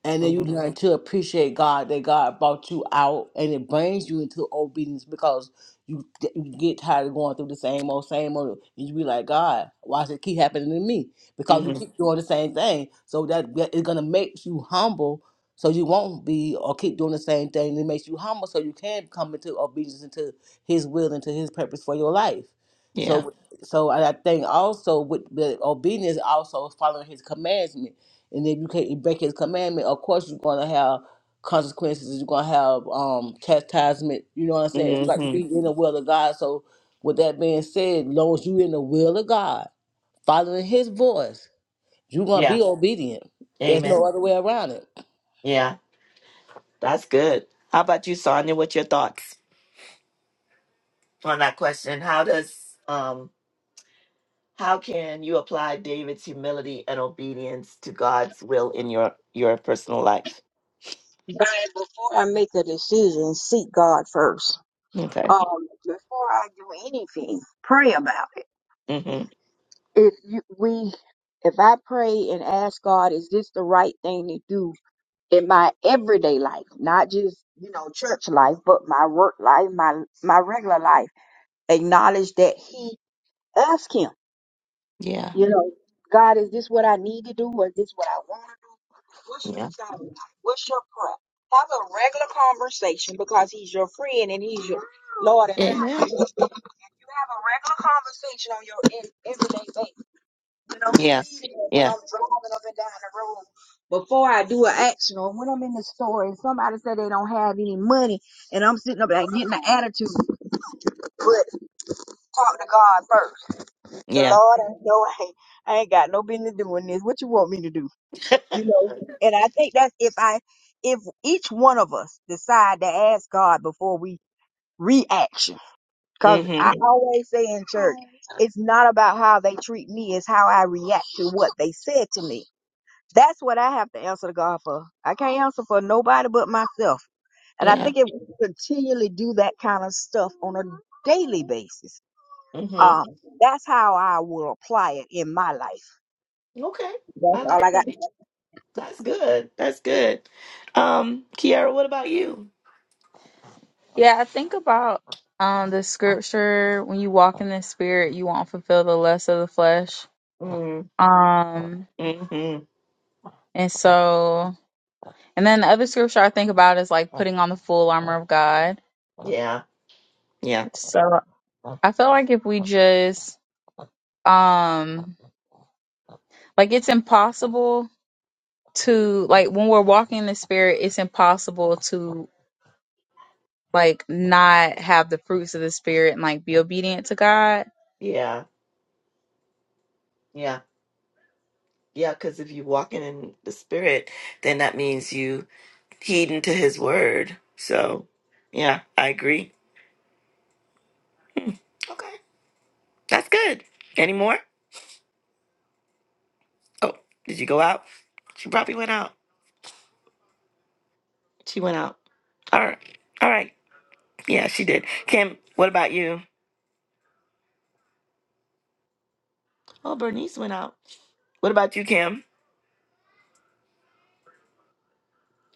Speaker 2: and then you
Speaker 1: hmm
Speaker 2: learn to appreciate God that God brought you out, and it brings you into obedience because you, get- you get tired of going through the same old, same old, and you be like, God, why does it keep happening to me? Because you
Speaker 1: hmm
Speaker 2: keep doing the same thing, so that that is gonna make you humble, so you won't be or keep doing the same thing. It makes you humble, so you can come into obedience into His will, into His purpose for your life.
Speaker 1: Yeah.
Speaker 2: So, so I I think also with the obedience, also following His commandments and if you can't you break his commandment, of course you're gonna have consequences, you're gonna have um chastisement, you know what I'm saying? It's got to
Speaker 1: hmm
Speaker 2: be in the will of God. So with that being said, as long as you in the will of God, following his voice, you're gonna
Speaker 1: Yeah.
Speaker 2: be obedient. There's no
Speaker 1: Amen.
Speaker 2: other way around it.
Speaker 1: Yeah. That's good. How about you, Sonia? What's your thoughts on that question? How does um how can you apply David's humility and obedience to God's will in your your personal life?
Speaker 3: But before I make a decision, seek God first.
Speaker 1: Okay.
Speaker 3: Um, before I do anything, pray about it.
Speaker 1: hmm
Speaker 3: If you, we, if I pray and ask God, is this the right thing to do in my everyday life, not just you know church life, but my work life, my my regular life? Acknowledge that He ask Him.
Speaker 1: Yeah.
Speaker 3: You know, God, is this what I need to do or is this what I want to do? What's your
Speaker 1: Yeah.
Speaker 3: job? What's your prayer? Have a regular conversation because he's your friend and he's your Lord and
Speaker 1: Amen.
Speaker 3: Master. You have a regular conversation on your in, everyday basis. You know,
Speaker 1: Yeah.
Speaker 3: feeding it when
Speaker 1: Yeah.
Speaker 3: I'm driving up and down the road. Before I do an action or when I'm in the store and somebody said they don't have any money and I'm sitting up like getting an attitude. But talk to God first. The
Speaker 1: Yeah.
Speaker 3: Lord, I know I ain't, I ain't got no business doing this. What you want me to do? you know and i think that's if i if each one of us decide to ask god before we reaction because
Speaker 1: hmm
Speaker 3: i always say in church it's not about how they treat me it's how i react to what they said to me that's what i have to answer to god for i can't answer for nobody but myself and i
Speaker 1: Yeah.
Speaker 3: think if we continually do that kind of stuff on a daily basis
Speaker 1: hmm
Speaker 3: um that's how i will apply it in my life
Speaker 1: Okay. I
Speaker 3: that's all
Speaker 1: like
Speaker 3: i
Speaker 1: that.
Speaker 3: got
Speaker 1: That's good. That's good. Um, Kiara, what about you?
Speaker 5: Yeah, I think about um the scripture when you walk in the spirit, you won't fulfill the lust of the flesh.
Speaker 1: Mm,
Speaker 5: Um
Speaker 1: hmm
Speaker 5: And so, and then the other scripture I think about is like putting on the full armor of God.
Speaker 1: Yeah, yeah,
Speaker 5: So I feel like if we just, um, like it's impossible to, like when we're walking in the spirit, it's impossible to like not have the fruits of the spirit and like be obedient to God.
Speaker 1: yeah, yeah, yeah. Because if you're walking in the spirit, then that means you heeding to His word. So, yeah, I agree. Okay, that's good. Any more? Oh, did you go out? She probably went out. She went out. All right, all right. Yeah, she did. Kim, what about you? Oh, Bernice went out. What about you, Kim?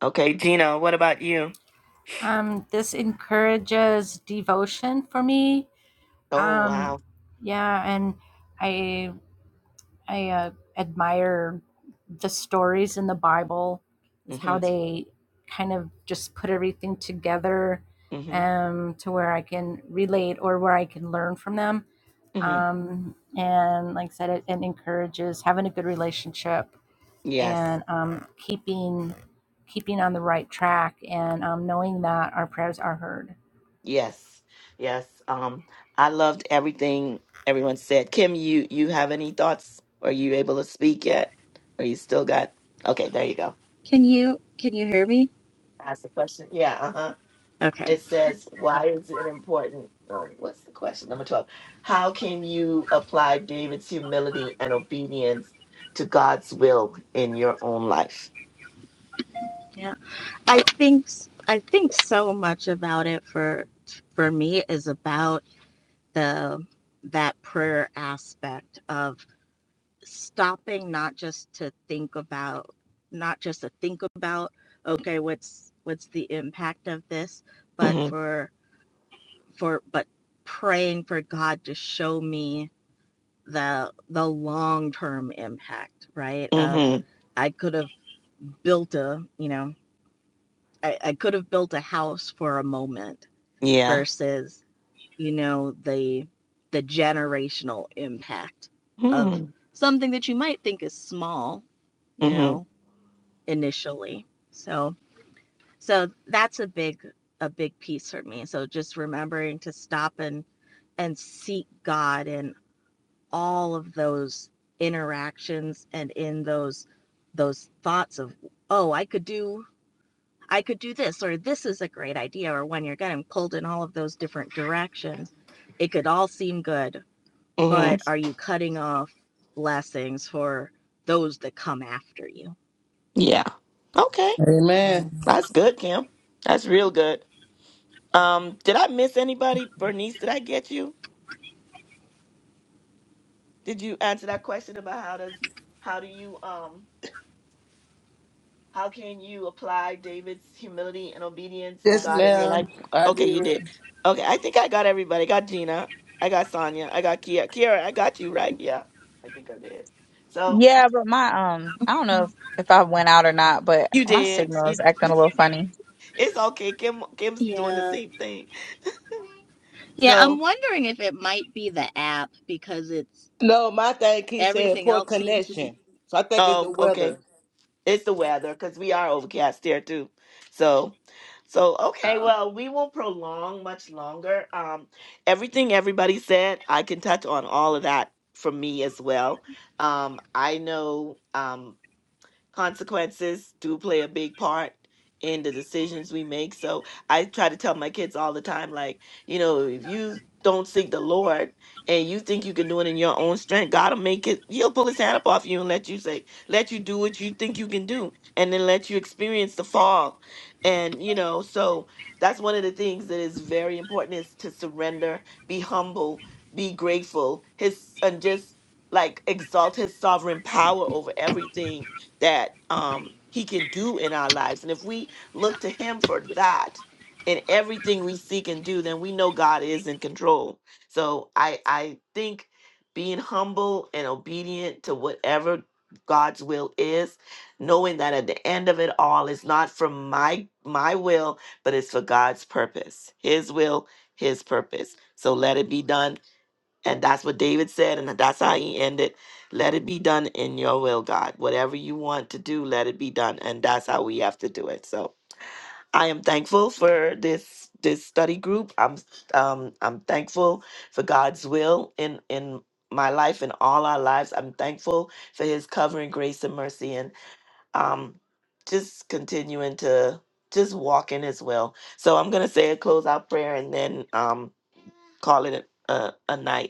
Speaker 1: Okay, Gina, what about you?
Speaker 4: um this encourages devotion for me
Speaker 1: Oh wow.
Speaker 4: um yeah and i I uh, admire the stories in the Bible, is how
Speaker 1: Mm-hmm.
Speaker 4: they kind of just put everything together
Speaker 1: Mm-hmm.
Speaker 4: um, to where I can relate or where I can learn from them.
Speaker 1: Mm-hmm.
Speaker 4: Um, and like I said, it, it encourages having a good relationship
Speaker 1: Yes.
Speaker 4: and um, keeping keeping on the right track and um, knowing that our prayers are heard.
Speaker 1: Yes. Yes. Um, I loved everything everyone said. Kim, you you have any thoughts? Are you able to speak yet? Or you still got okay, there you go.
Speaker 6: Can you can you hear me?
Speaker 1: Ask the question. Yeah, uh-huh.
Speaker 6: Okay.
Speaker 1: It says, why is it important? Oh, what's the question? Number 12. How can you apply David's humility and obedience to God's will in your own life?
Speaker 6: Yeah. I think I think so much about it for for me is about the that prayer aspect of stopping not just to think about not just to think about okay what's what's the impact of this but
Speaker 1: Mm-hmm.
Speaker 6: for for but praying for God to show me the the long term impact, right? Of
Speaker 1: Mm-hmm.
Speaker 6: I could have built a, you know, I, I could have built a house for a moment
Speaker 1: Yeah.
Speaker 6: versus, you know, the the generational impact of
Speaker 1: Mm-hmm.
Speaker 6: something that you might think is small, you know,
Speaker 1: Mm-hmm.
Speaker 6: initially. So so that's a big a big piece for me. So just remembering to stop and and seek God and all of those interactions and in those those thoughts of oh i could do i could do this or this is a great idea or when you're getting pulled in all of those different directions it could all seem good
Speaker 1: Mm-hmm.
Speaker 6: but are you cutting off blessings for those that come after you
Speaker 1: Yeah. Okay.
Speaker 2: Amen.
Speaker 1: That's good, Kim. That's real good. Um, did I miss anybody? Bernice, did I get you? Did you answer that question about how does how do you um how can you apply David's humility and obedience to
Speaker 2: Yes,
Speaker 1: God in your life?
Speaker 2: ma'am. I
Speaker 1: Okay, you did.
Speaker 2: did.
Speaker 1: Okay, I think I got everybody. I got Gina. I got Sonia. I got Kia. Kiara, I got you right. Yeah, I think I did. So
Speaker 5: Yeah, but my, um, I don't know if, if I went out or not, but
Speaker 1: you
Speaker 5: my
Speaker 1: did.
Speaker 5: signal
Speaker 1: You,
Speaker 5: is acting a little funny.
Speaker 1: it's okay. Kim Kim's doing the
Speaker 6: yeah
Speaker 1: same thing.
Speaker 6: yeah i'm
Speaker 1: so,
Speaker 6: wondering if it might be the app because it's
Speaker 2: No, my thing keeps saying
Speaker 6: everything
Speaker 2: poor
Speaker 6: else seems to be
Speaker 2: connection. So I think it's
Speaker 1: oh,
Speaker 2: the
Speaker 1: okay.
Speaker 2: weather.
Speaker 1: It's the weather because we are overcast here too. So, so okay.
Speaker 6: oh
Speaker 1: Well, we won't prolong much longer. Um, everything everybody said, I can touch on all of that for me as well. Um, I know. Um, consequences do play a big part in the decisions we make. So I try to tell my kids all the time, like, you know, if you don't seek the Lord and you think you can do it in your own strength, God'll make it he'll pull his hand up off you and let you say, let you do what you think you can do and then let you experience the fall. And you know, so that's one of the things that is very important is to surrender, be humble, be grateful, his and just like exalt his sovereign power over everything that um, He can do in our lives. And if we look to Him for that in everything we seek and do, then we know God is in control. So I I think being humble and obedient to whatever God's will is, knowing that at the end of it all, it's not for my my will, but it's for God's purpose, His will, His purpose. So let it be done and that's what David said, and that's how he ended. Let it be done in your will, God. Whatever you want to do, let it be done. And that's how we have to do it. So I am thankful for this this study group. I'm um I'm thankful for God's will in in my life and all our lives. I'm thankful for his covering grace and mercy and um just continuing to just walk in his will. So I'm gonna say a closeout prayer and then um call it a, a, a night.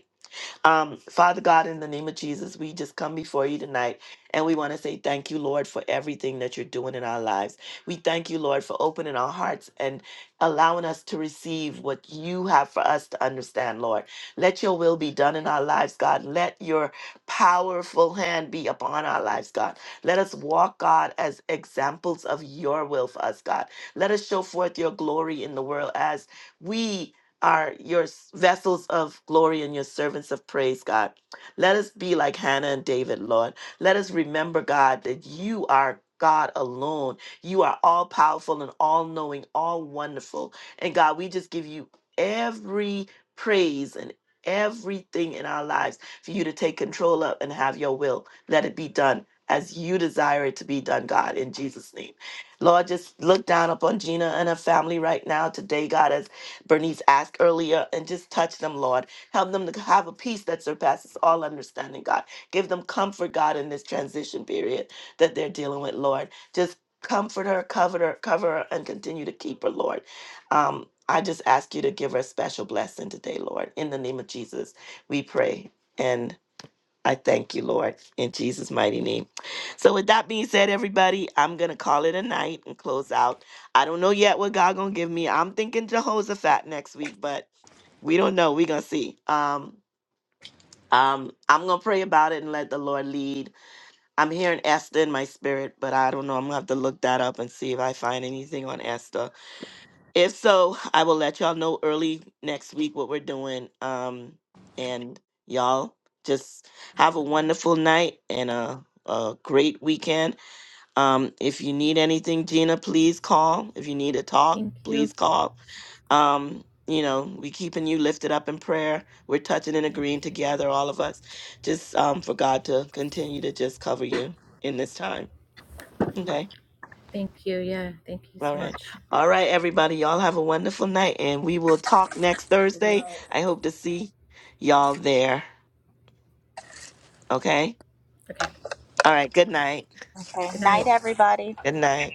Speaker 1: Um, Father God, in the name of Jesus, we just come before you tonight and we want to say thank you, Lord, for everything that you're doing in our lives. We thank you, Lord, for opening our hearts and allowing us to receive what you have for us to understand, Lord. Let your will be done in our lives, God. Let your powerful hand be upon our lives, God. Let us walk, God, as examples of your will for us, God. Let us show forth your glory in the world as we are your s- vessels of glory and your servants of praise, God. Let us be like Hannah and David, Lord. Let us remember, God, that you are God alone. You are all powerful and all knowing, all wonderful. And God, we just give you every praise and everything in our lives for you to take control of and have your will. Let it be done as you desire it to be done, God, in Jesus' name. Lord, just look down upon Gina and her family right now today, God, as Bernice asked earlier, and just touch them, Lord. Help them to have a peace that surpasses all understanding, God. Give them comfort, God, in this transition period that they're dealing with, Lord. Just comfort her, cover her, cover her, and continue to keep her, Lord. Um, I just ask you to give her a special blessing today, Lord. In the name of Jesus, we pray. and. I thank you, Lord, in Jesus' mighty name. So, with that being said, everybody, I'm gonna call it a night and close out. I don't know yet what God gonna give me. I'm thinking Jehoshaphat next week, but we don't know. we gonna see. Um, um, I'm gonna pray about it and let the Lord lead. I'm hearing Esther in my spirit, but I don't know. I'm gonna have to look that up and see if I find anything on Esther. If so, I will let y'all know early next week what we're doing. Um, and y'all just have a wonderful night and a, a great weekend. Um, if you need anything, Gina, please call. If you need a talk,
Speaker 4: Thank you.
Speaker 1: please call. Um, you know, we keeping you lifted up in prayer. We're touching and
Speaker 4: Thank
Speaker 1: agreeing
Speaker 4: you.
Speaker 1: together, all of us, just um, for God to continue to just cover you in this time. Okay.
Speaker 4: Thank you. Yeah. Thank you
Speaker 1: All
Speaker 4: so
Speaker 1: right.
Speaker 4: much.
Speaker 1: All right, everybody. Y'all have a wonderful night, and we will talk next
Speaker 2: Good
Speaker 1: Thursday.
Speaker 2: night.
Speaker 1: I hope to see y'all there. Okay?
Speaker 4: Okay.
Speaker 1: All right. Good night.
Speaker 6: Okay.
Speaker 4: Good night.
Speaker 6: Night, everybody.
Speaker 1: Good night.